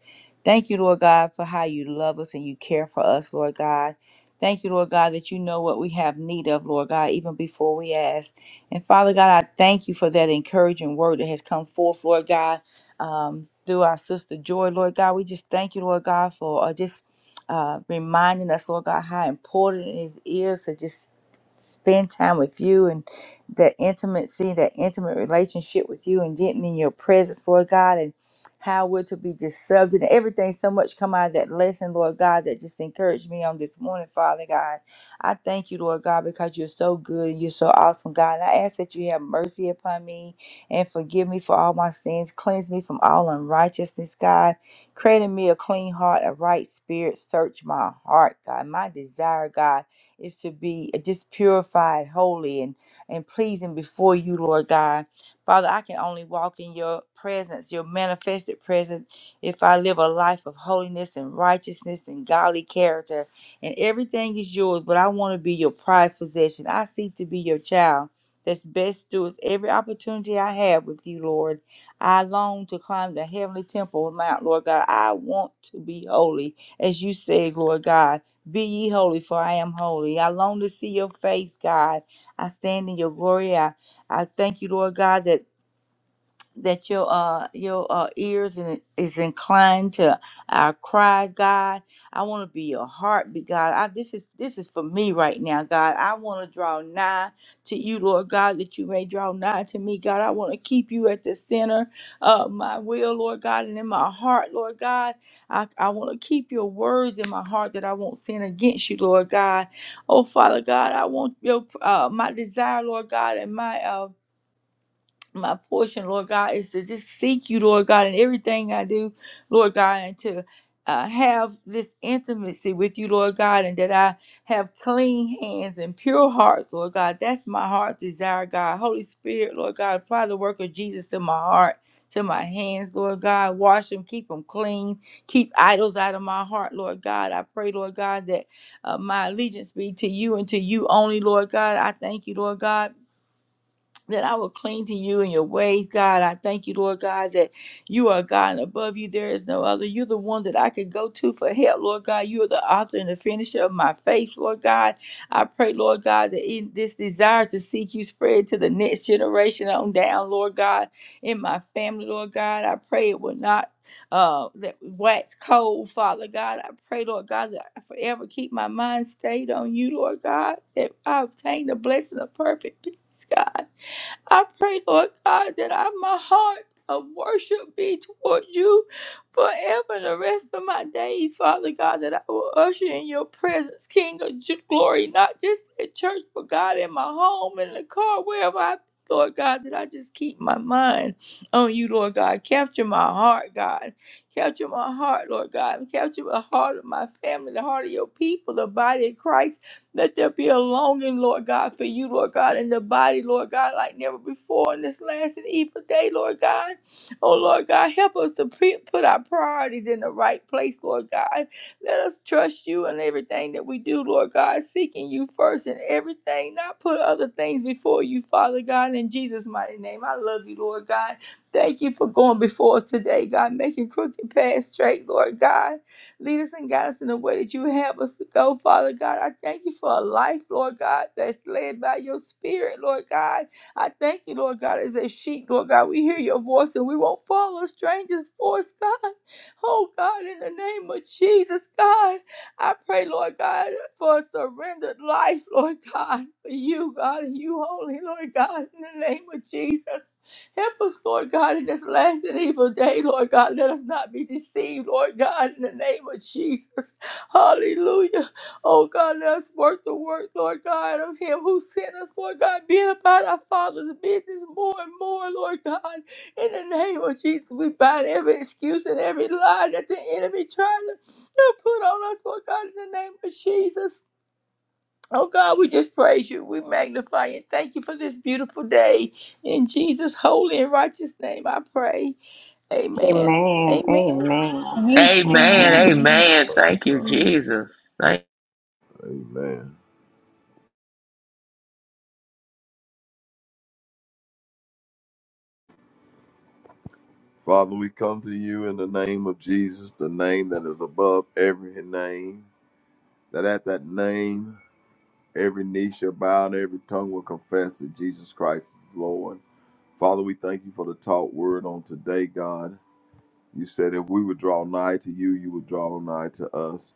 [SPEAKER 6] Thank you, Lord God, for how you love us and you care for us, Lord God. Thank you, Lord God, that you know what we have need of, Lord God, even before we ask. And Father God, I thank you for that encouraging word that has come forth, Lord God, um, through our sister Joy, Lord God. We just thank you, Lord God, for uh, just uh, reminding us, Lord God, how important it is to just spend time with you and that intimacy, that intimate relationship with you and getting in your presence, Lord God, and how we're to be just subject and everything so much come out of that lesson, Lord God, that just encouraged me on this morning, Father God. I thank you, Lord God, because you're so good and you're so awesome, God. And I ask that you have mercy upon me and forgive me for all my sins. Cleanse me from all unrighteousness, God. Create in me a clean heart, a right spirit. Search my heart, God. My desire, God, is to be just purified, holy, and, and pleasing before you, Lord God. Father, I can only walk in your presence, your manifested presence, if I live a life of holiness and righteousness and godly character and everything is yours, but I want to be your prized possession. I seek to be your child. That's best stewards every opportunity I have with you, Lord. I long to climb the heavenly temple Mount, Lord God. I want to be holy, as you said, Lord God. Be ye holy, for I am holy. I long to see your face, God. I stand in your glory. I, I thank you, Lord God, that that your uh your uh, ears in, is inclined to our cries, God. I want to be your heartbeat, God. I, this is this is for me right now, God. I want to draw nigh to you, Lord God, that you may draw nigh to me, God. I want to keep you at the center of my will, Lord God, and in my heart, Lord God. I, I want to keep your words in my heart that I won't sin against you, Lord God. Oh Father God, I want your uh, my desire, Lord God, and my uh, my portion, Lord God, is to just seek you, Lord God, in everything I do, Lord God, and to uh, have this intimacy with you, Lord God, and that I have clean hands and pure hearts, Lord God. That's my heart's desire, God. Holy Spirit, Lord God, apply the work of Jesus to my heart, to my hands, Lord God. Wash them, keep them clean, keep idols out of my heart, Lord God. I pray, Lord God, that uh, my allegiance be to you and to you only, Lord God. I thank you, Lord God that I will cling to you in your ways, God. I thank you, Lord God, that you are God and above you there is no other. You're the one that I could go to for help, Lord God. You are the author and the finisher of my faith, Lord God. I pray, Lord God, that in this desire to seek you spread to the next generation on down, Lord God, in my family, Lord God. I pray it will not. Uh, that wax cold, Father God. I pray, Lord God, that I forever keep my mind stayed on you, Lord God, that I obtain the blessing of perfect peace, God. I pray, Lord God, that I, my heart of worship be toward you forever and the rest of my days, Father God, that I will usher in your presence, King of ju- glory, not just at church, but God, in my home, in the car, wherever I be, Lord God, that I just keep my mind on you, Lord God. Capture my heart, God. Capture my heart, Lord God. Capture the heart of my family, the heart of your people, the body of Christ let there be a longing, Lord God, for you, Lord God, in the body, Lord God, like never before in this last and evil day, Lord God. Oh, Lord God, help us to pre- put our priorities in the right place, Lord God. Let us trust you in everything that we do, Lord God, seeking you first in everything, not put other things before you, Father God, in Jesus' mighty name. I love you, Lord God. Thank you for going before us today, God, making crooked paths straight, Lord God. Lead us and guide us in the way that you have us to go, Father God. I thank you for a life, Lord God, that's led by your spirit, Lord God. I thank you, Lord God, as a sheep, Lord God. We hear your voice and we won't follow strangers' voice, God. Oh, God, in the name of Jesus, God, I pray, Lord God, for a surrendered life, Lord God, for you, God, and you only, Lord God, in the name of Jesus. Help us, Lord God, in this last and evil day, Lord God. Let us not be deceived, Lord God, in the name of Jesus. Hallelujah. Oh God, let us work the work, Lord God, of Him who sent us, Lord God, being about our Father's business more and more, Lord God. In the name of Jesus, we bind every excuse and every lie that the enemy tried to to put on us, Lord God, in the name of Jesus. Oh God, we just praise you. We magnify and thank you for this beautiful day. In Jesus' holy and righteous name, I pray. Amen.
[SPEAKER 4] Amen. Amen.
[SPEAKER 6] Amen.
[SPEAKER 4] Amen.
[SPEAKER 3] Amen.
[SPEAKER 5] Amen.
[SPEAKER 3] Amen.
[SPEAKER 4] Amen.
[SPEAKER 3] God.
[SPEAKER 5] Amen. Thank you, Jesus. Thank.
[SPEAKER 7] Amen. Father, we come to you in the name of Jesus, the name that is above every name, that at that name every knee shall bow and every tongue will confess that Jesus Christ is Lord. Father, we thank you for the taught word on today, God. You said if we would draw nigh to you, you would draw nigh to us.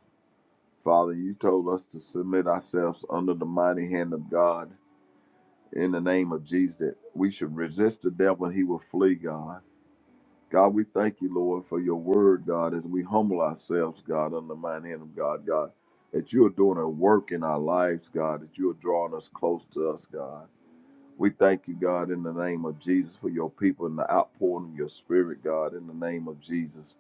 [SPEAKER 7] Father, you told us to submit ourselves under the mighty hand of God in the name of Jesus, that we should resist the devil and he will flee, God. God, we thank you, Lord, for your word, God, as we humble ourselves, God, under the mighty hand of God, God, that you are doing a work in our lives, God, that you are drawing us close to us, God. We thank you, God, in the name of Jesus, for your people and the outpouring of your spirit, God, in the name of Jesus.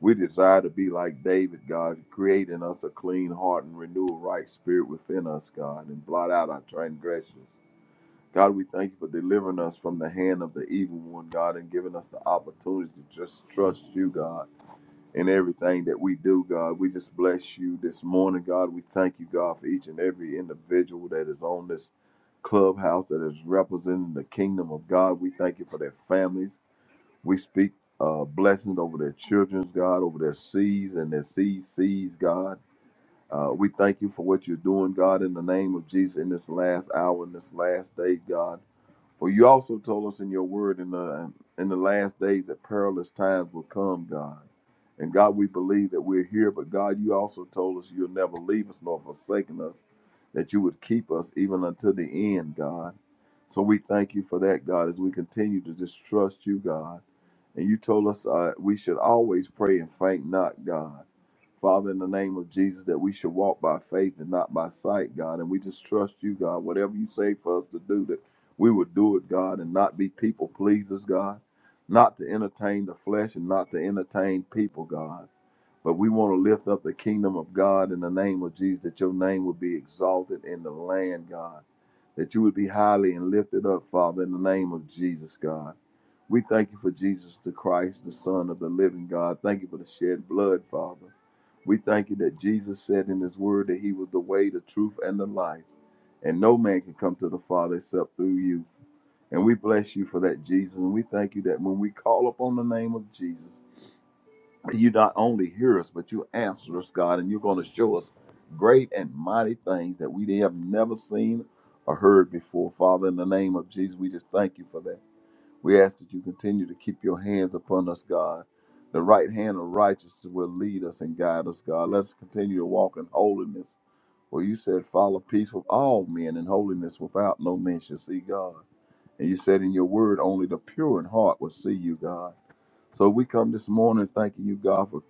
[SPEAKER 7] We desire to be like David, God, create in us a clean heart and renew a right spirit within us, God, and blot out our transgressions. God, we thank you for delivering us from the hand of the evil one, God, and giving us the opportunity to just trust you, God, in everything that we do, God. We just bless you this morning, God. We thank you, God, for each and every individual that is on this clubhouse that is representing the kingdom of God. We thank you for their families. We speak uh, blessings over their children's, God, over their seeds and their seed seeds, God. Uh, we thank you for what you're doing, God, in the name of Jesus in this last hour, in this last day, God. For you also told us in your word in the in the last days that perilous times will come, God. And God, we believe that we're here, but God, you also told us you'll never leave us nor forsaken us, that you would keep us even until the end, God. So we thank you for that, God, as we continue to just trust you, God. And you told us uh, we should always pray and faint not, God. Father, in the name of Jesus, that we should walk by faith and not by sight, God. And we just trust you, God. Whatever you say for us to do, that we would do it, God, and not be people pleasers, God. Not to entertain the flesh and not to entertain people, God. But we want to lift up the kingdom of God in the name of Jesus, that your name would be exalted in the land, God. That you would be highly and lifted up, Father, in the name of Jesus, God we thank you for Jesus the Christ, the Son of the living God. Thank you for the shed blood, Father. We thank you that Jesus said in his word that he was the way, the truth, and the life. And no man can come to the Father except through you. And we bless you for that, Jesus. And we thank you that when we call upon the name of Jesus, you not only hear us, but you answer us, God. And you're going to show us great and mighty things that we have never seen or heard before. Father, in the name of Jesus, we just thank you for that. We ask that you continue to keep your hands upon us, God. The right hand of righteousness will lead us and guide us, God. Let us continue to walk in holiness. For you said, follow peace with all men and holiness without no man shall see God. And you said in your word, only the pure in heart will see you, God. So we come this morning thanking you, God, for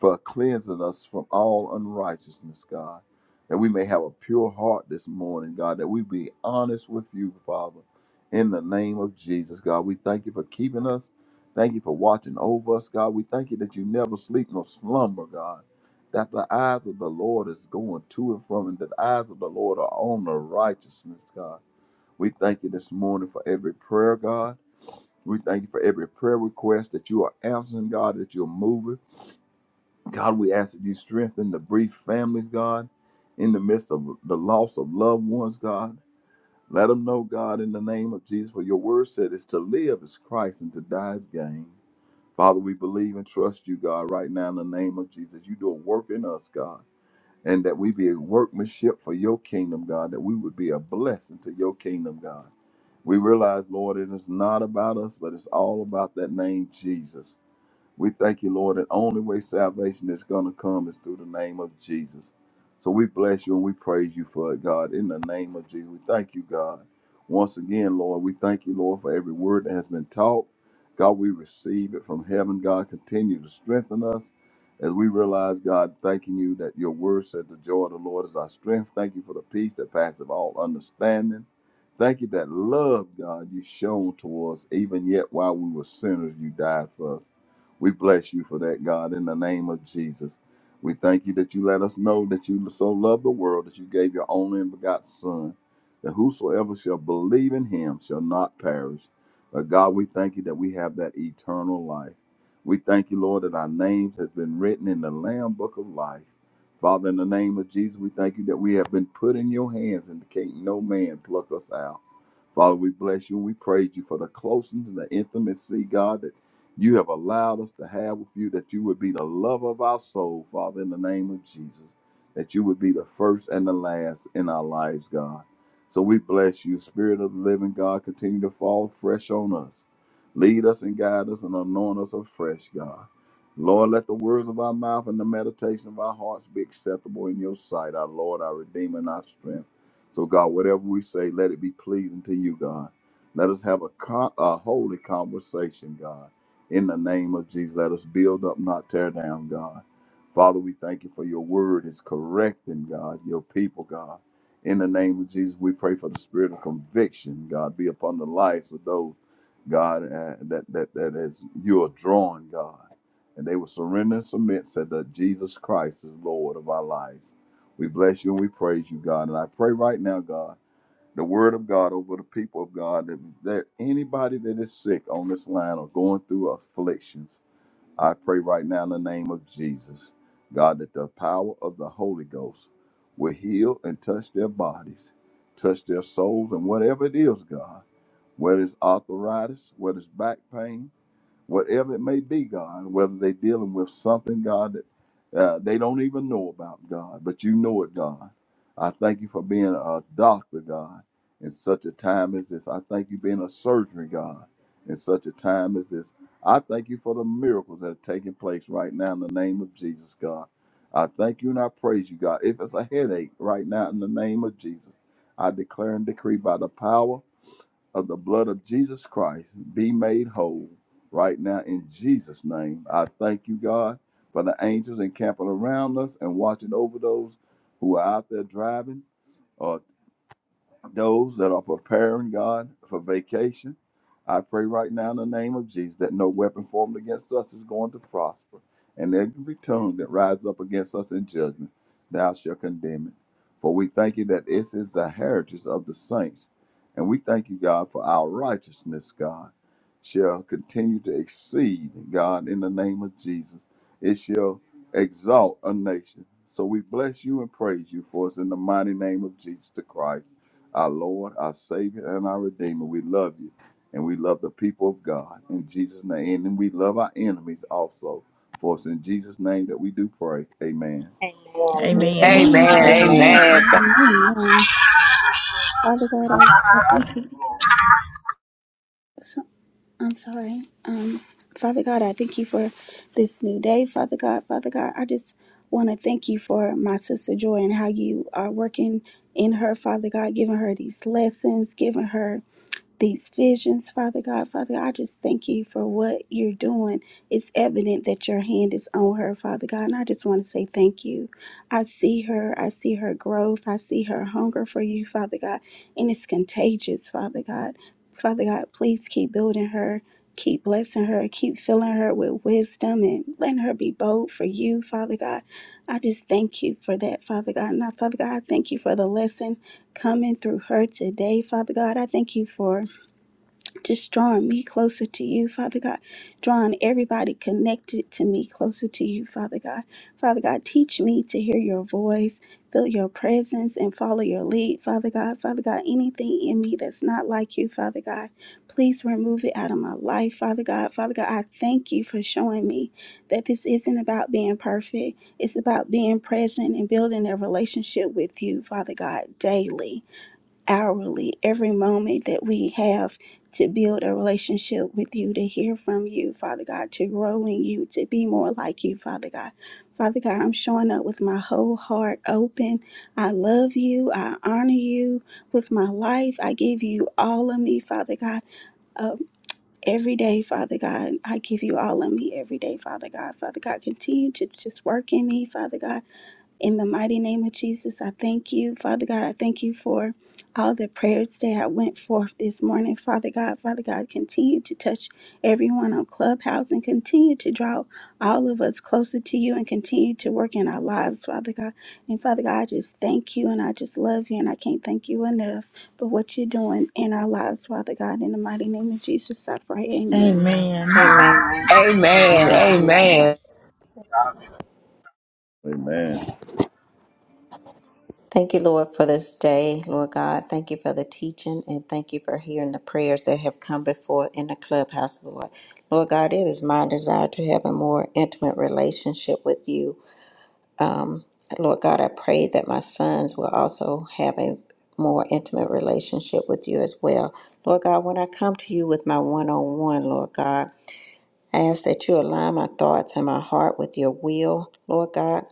[SPEAKER 7] for cleansing us from all unrighteousness, God. That we may have a pure heart this morning, God, that we be honest with you, Father. In the name of Jesus, God, we thank you for keeping us. Thank you for watching over us, God. We thank you that you never sleep nor slumber, God. That the eyes of the Lord is going to and from, and that the eyes of the Lord are on the righteousness, God. We thank you this morning for every prayer, God. We thank you for every prayer request that you are answering, God, that you're moving. God, we ask that you strengthen the bereaved families, God, in the midst of the loss of loved ones, God. Let them know, God, in the name of Jesus, for your word said is to live is Christ and to die is gain. Father, we believe and trust you, God, right now in the name of Jesus. You do a work in us, God, and that we be a workmanship for your kingdom, God, that we would be a blessing to your kingdom, God. We realize, Lord, it is not about us, but it's all about that name, Jesus. We thank you, Lord. The only way salvation is going to come is through the name of Jesus. So we bless you and we praise you for it, God. In the name of Jesus, we thank you, God. Once again, Lord, we thank you, Lord, for every word that has been taught. God, we receive it from heaven. God, continue to strengthen us as we realize, God, thanking you that your word said the joy of the Lord is our strength. Thank you for the peace that passeth all understanding. Thank you that love, God, you shown towards even yet while we were sinners, you died for us. We bless you for that, God, in the name of Jesus. We thank you that you let us know that you so loved the world that you gave your only and begotten Son, that whosoever shall believe in him shall not perish. But God, we thank you that we have that eternal life. We thank you, Lord, that our names has been written in the Lamb Book of Life. Father, in the name of Jesus, we thank you that we have been put in your hands and can't no man pluck us out. Father, we bless you and we praise you for the closeness and the intimacy, God, that you have allowed us to have with you, that you would be the love of our soul, Father, in the name of Jesus, that you would be the first and the last in our lives, God. So we bless you, Spirit of the living God, continue to fall fresh on us. Lead us and guide us and anoint us afresh, God. Lord, let the words of our mouth and the meditation of our hearts be acceptable in your sight, our Lord, our Redeemer, and our strength. So, God, whatever we say, let it be pleasing to you, God. Let us have a, co- a holy conversation, God. In the name of Jesus, let us build up, not tear down, God. Father, we thank you for your word is correcting, God, your people, God. In the name of Jesus, we pray for the spirit of conviction, God, be upon the lives of those, God, uh, that, that, that is you are drawing, God. And they will surrender and submit, said that Jesus Christ is Lord of our lives. We bless you and we praise you, God. And I pray right now, God, the word of God over the people of God, that there anybody that is sick on this line or going through afflictions, I pray right now in the name of Jesus, God, that the power of the Holy Ghost will heal and touch their bodies, touch their souls, and whatever it is, God, whether it's arthritis, whether it's back pain, whatever it may be, God, whether they're dealing with something, God, that uh, they don't even know about, God, but you know it, God. I thank you for being a doctor, God, in such a time as this. I thank you being a surgeon, God, in such a time as this. I thank you for the miracles that are taking place right now in the name of Jesus, God. I thank you and I praise you, God. If it's a headache right now in the name of Jesus, I declare and decree by the power of the blood of Jesus Christ be made whole right now in Jesus' name. I thank you, God, for the angels encamping around us and watching over those who are out there driving or those that are preparing God for vacation. I pray right now in the name of Jesus that no weapon formed against us is going to prosper, and every tongue that rises up against us in judgment, thou shalt condemn it. For we thank you that this is the heritage of the saints, and we thank you, God, for our righteousness, God, shall continue to exceed, God, in the name of Jesus. It shall exalt a nation. So we bless you and praise you for us in the mighty name of Jesus the Christ our Lord, our Savior, and our Redeemer. We love you, and we love the people of God in Jesus' name, and we love our enemies also. For it's in Jesus' name that we do pray. Amen.
[SPEAKER 6] Amen.
[SPEAKER 3] Amen.
[SPEAKER 5] Amen.
[SPEAKER 4] Amen.
[SPEAKER 5] Amen. Th-
[SPEAKER 3] Amen. Amen. Father God, I, I thank so, I'm sorry. Um, Father God, I thank you for this new day. Father God, Father God, I just want to thank you for my sister Joy and how you are working in her. Father God, giving her these lessons, giving her these visions, Father God. Father God, I just thank you for what you're doing. It's evident that your hand is on her, Father God. And I just want to say thank you. I see her. I see her growth. I see her hunger for you, Father God. And it's contagious, Father God. Father God, please keep building her. Keep blessing her. Keep filling her with wisdom and letting her be bold for you, Father God. I just thank you for that, Father God. And Father God, I thank you for the lesson coming through her today, Father God. I thank you for just drawing me closer to you, Father God, drawing everybody connected to me closer to you, Father God. Father God, teach me to hear your voice, feel your presence, and follow your lead, Father God. Father God, anything in me that's not like you, Father God, please remove it out of my life, Father God. Father God, I thank you for showing me that this isn't about being perfect, it's about being present and building a relationship with you, Father God, daily hourly, every moment that we have to build a relationship with you, to hear from you, Father God, to grow in you, to be more like you, Father God. Father God, I'm showing up with my whole heart open. I love you. I honor you with my life. I give you all of me, Father God. Um, every day, Father God, I give you all of me every day, Father God. Father God, continue to just work in me, Father God. In the mighty name of Jesus, I thank you. Father God, I thank you for all the prayers that I went forth this morning. Father God, Father God, continue to touch everyone on Clubhouse and continue to draw all of us closer to you and continue to work in our lives, Father God. And Father God, I just thank you and I just love you and I can't thank you enough for what you're doing in our lives, Father God. In the mighty name of Jesus, I pray. Amen.
[SPEAKER 4] Amen.
[SPEAKER 6] Amen.
[SPEAKER 4] Amen.
[SPEAKER 5] Amen.
[SPEAKER 4] Amen.
[SPEAKER 5] Amen.
[SPEAKER 7] Amen.
[SPEAKER 4] Thank you, Lord, for this day, Lord God. Thank you for the teaching and thank you for hearing the prayers that have come before in the clubhouse, Lord. Lord God, it is my desire to have a more intimate relationship with you. Lord God, I pray that my sons will also have a more intimate relationship with you as well. Lord God, when I come to you with my one on one, Lord God, I ask that you align my thoughts and my heart with your will, Lord God.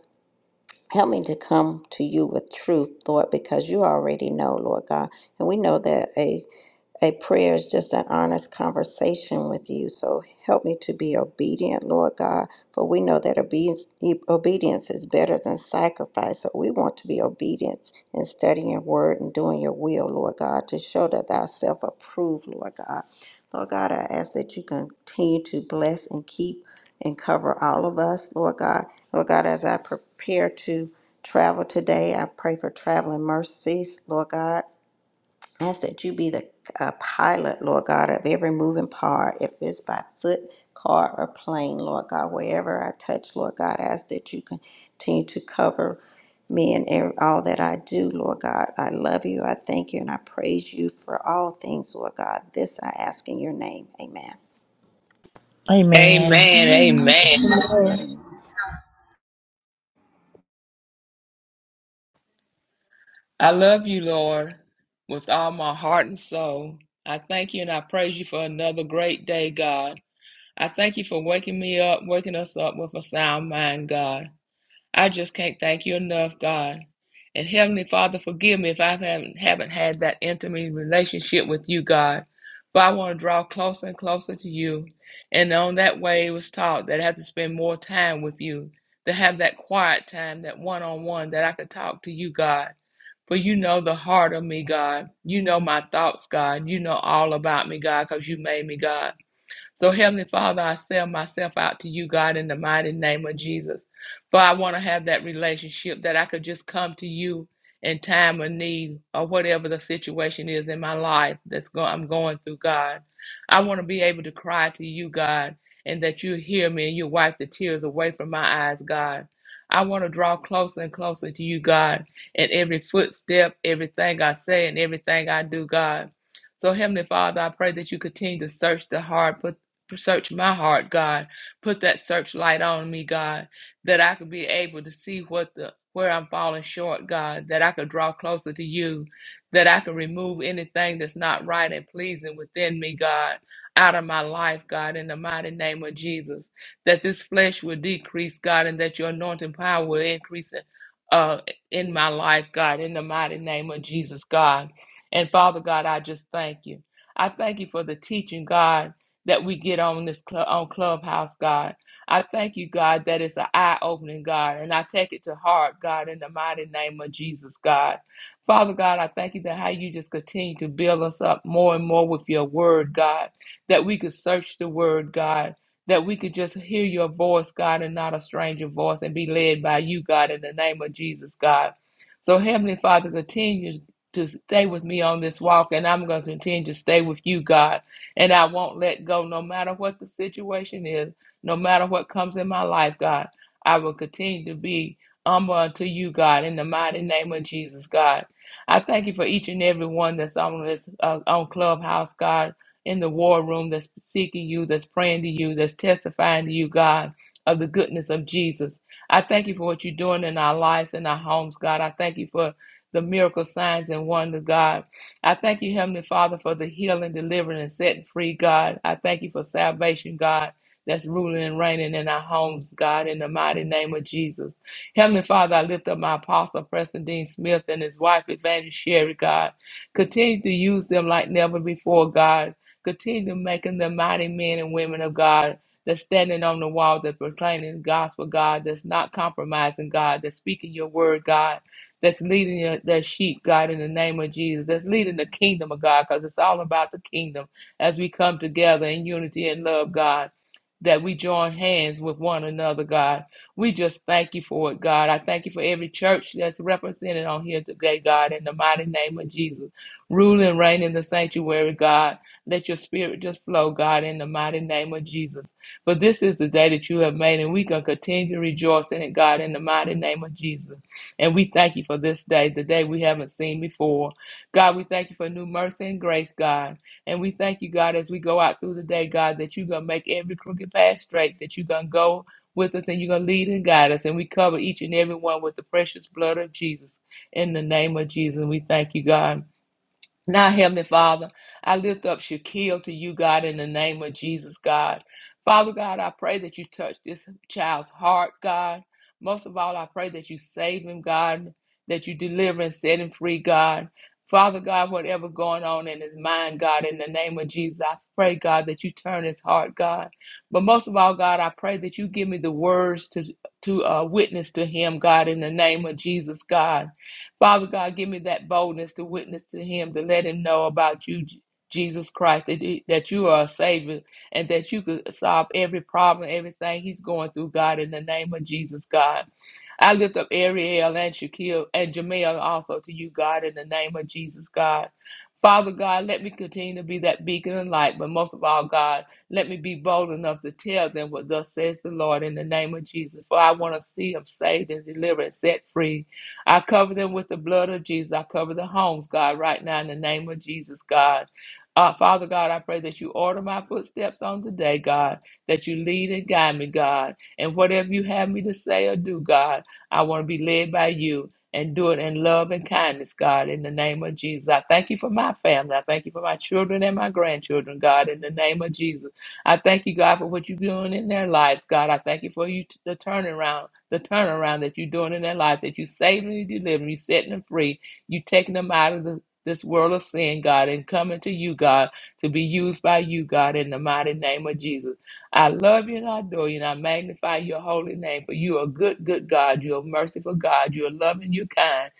[SPEAKER 4] Help me to come to you with truth, Lord, because you already know, Lord God. And we know that a a prayer is just an honest conversation with you. So help me to be obedient, Lord God, for we know that obedience, obedience is better than sacrifice. So we want to be obedient in studying your word and doing your will, Lord God, to show that thou self approved, Lord God. Lord God, I ask that you continue to bless and keep and cover all of us, Lord God. Lord God, as I prepare to travel today, I pray for traveling mercies, Lord God. Ask that you be the uh, pilot, Lord God, of every moving part, if it's by foot, car, or plane, Lord God, wherever I touch, Lord God, ask that you continue to cover me and ev- all that I do, Lord God. I love you, I thank you, and I praise you for all things, Lord God. This I ask in your name. Amen.
[SPEAKER 6] Amen.
[SPEAKER 5] Amen. Amen.
[SPEAKER 3] Amen.
[SPEAKER 1] Amen.
[SPEAKER 7] Amen.
[SPEAKER 5] I love you, Lord, with all my heart and soul. I thank you and I praise you for another great day, God. I thank you for waking me up, waking us up with a sound mind, God. I just can't thank you enough, God. And Heavenly Father, forgive me if I haven't, haven't had that intimate relationship with you, God. But I want to draw closer and closer to you. And on that way, it was taught that I have to spend more time with you, to have that quiet time, that one on one, that I could talk to you, God. For you know the heart of me, God. You know my thoughts, God. You know all about me, God, because you made me, God. So, Heavenly Father, I sell myself out to you, God, in the mighty name of Jesus. For I want to have that relationship that I could just come to you in time of need or whatever the situation is in my life that's going I'm going through, God. I want to be able to cry to you, God, and that you hear me and you wipe the tears away from my eyes, God. I want to draw closer and closer to you, God, in every footstep, everything I say, and everything I do, God. So, Heavenly Father, I pray that you continue to search the heart, Search my heart, God. Put that searchlight on me, God, that I could be able to see what the where I'm falling short, God, that I could draw closer to you, that I could remove anything that's not right and pleasing within me, God, out of my life, God, in the mighty name of Jesus. That this flesh will decrease, God, and that your anointing power will increase uh, in my life, God, in the mighty name of Jesus, God. And Father God, I just thank you. I thank you for the teaching, God that we get on this club on clubhouse god i thank you god that it's an eye-opening god and i take it to heart god in the mighty name of jesus god father god i thank you that how you just continue to build us up more and more with your word god that we could search the word god that we could just hear your voice, God, and not a stranger voice, and be led by you, God, in the name of Jesus, God. So, Heavenly Father, continue to stay with me on this walk, and I'm going to continue to stay with you, God. And I won't let go no matter what the situation is, no matter what comes in my life, God. I will continue to be humble unto you, God, in the mighty name of Jesus, God. I thank you for each and every one that's on this uh, on Clubhouse, God, in the war room that's seeking you, that's praying to you, that's testifying to you, God, of the goodness of Jesus. I thank you for what you're doing in our lives and our homes, God. I thank you for the miracle signs and wonders, God. I thank you, Heavenly Father, for the healing, delivering, and setting free, God. I thank you for salvation, God, that's ruling and reigning in our homes, God, in the mighty name of Jesus. Heavenly Father, I lift up my apostle, Preston Dean Smith, and his wife, Evangelist Sherry, God. Continue to use them like never before, God. Continue to make them the mighty men and women of God. That's standing on the wall, that's proclaiming the gospel, God, that's not compromising, God, that's speaking your word, God that's leading your, sheep, God, in the name of Jesus, that's leading the kingdom of God, because it's all about the kingdom as we come together in unity and love, God. That we join hands with one another, God. We just thank you for it, God. I thank you for every church that's represented on here today, God, in the mighty name of Jesus. Rule and reign in the sanctuary, God. Let your spirit just flow, God, in the mighty name of Jesus. For this is the day that you have made, and we can continue to rejoice in it, God, in the mighty name of Jesus. And we thank you for this day, the day we haven't seen before. God, we thank you for new mercy and grace, God. And we thank you, God, as we go out through the day, God, that you're going to make every crooked path straight, that you're going to go with us and you're going to lead and guide us. And we cover each and every one with the precious blood of Jesus in the name of Jesus. And we thank you, God. Now, Heavenly Father, I lift up Shaquille to you, God, in the name of Jesus, God. Father God, I pray that you touch this child's heart, God. Most of all, I pray that you save him, God, that you deliver and set him free, God. Father God, whatever going on in his mind, God, in the name of Jesus, I pray, God, that you turn his heart, God. But most of all, God, I pray that you give me the words to to uh, witness to him, God, in the name of Jesus, God. Father God, give me that boldness to witness to him, to let him know about you, Je- Jesus Christ, that, he- that you are a Savior and that you could solve every problem, everything he's going through, God, in the name of Jesus, God. I lift up Ariel and Shaquille and Jamel also to you, God, in the name of Jesus, God. Father God, let me continue to be that beacon and light, but most of all, God, let me be bold enough to tell them what thus says the Lord in the name of Jesus. For I want to see them saved and delivered and set free. I cover them with the blood of Jesus. I cover the homes, God, right now in the name of Jesus, God. Uh, Father God, I pray that you order my footsteps on today, God, that you lead and guide me, God. And whatever you have me to say or do, God, I want to be led by you and do it in love and kindness, God, in the name of Jesus. I thank you for my family. I thank you for my children and my grandchildren, God, in the name of Jesus. I thank you, God, for what you're doing in their lives, God. I thank you for you t- the turnaround the turnaround that you're doing in their life, that you saving and you delivering, you setting them free, you taking them out of the, this world of sin, God, and coming to you, God, to be used by you, God, in the mighty name of Jesus. I love you and I adore you and I magnify your holy name, for you are a good, good God. You're a merciful God. You're loving, you're kind.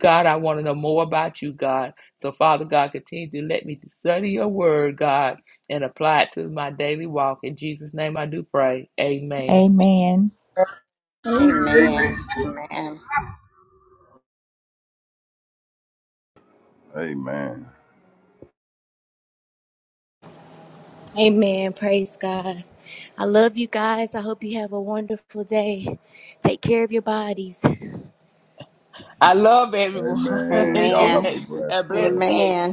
[SPEAKER 5] God, I want to know more about you, God. So, Father God, continue to let me study your word, God, and apply it to my daily walk. In Jesus' name I do pray. Amen.
[SPEAKER 6] Amen.
[SPEAKER 8] Love.
[SPEAKER 3] Amen.
[SPEAKER 4] Amen. Amen.
[SPEAKER 7] Amen.
[SPEAKER 1] Amen. Praise God. I love you guys. I hope you have a wonderful day. Take care of your bodies.
[SPEAKER 5] I love everyone. Have
[SPEAKER 7] Amen. Y'all have
[SPEAKER 4] Amen.
[SPEAKER 7] a blessed
[SPEAKER 5] a
[SPEAKER 7] day.
[SPEAKER 5] blessed day.
[SPEAKER 4] Amen.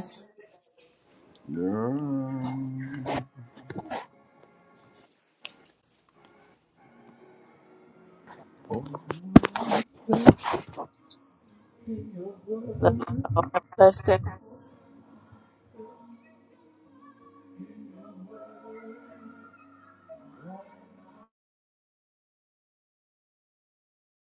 [SPEAKER 7] Yeah.
[SPEAKER 8] y'all. Have a blessed day.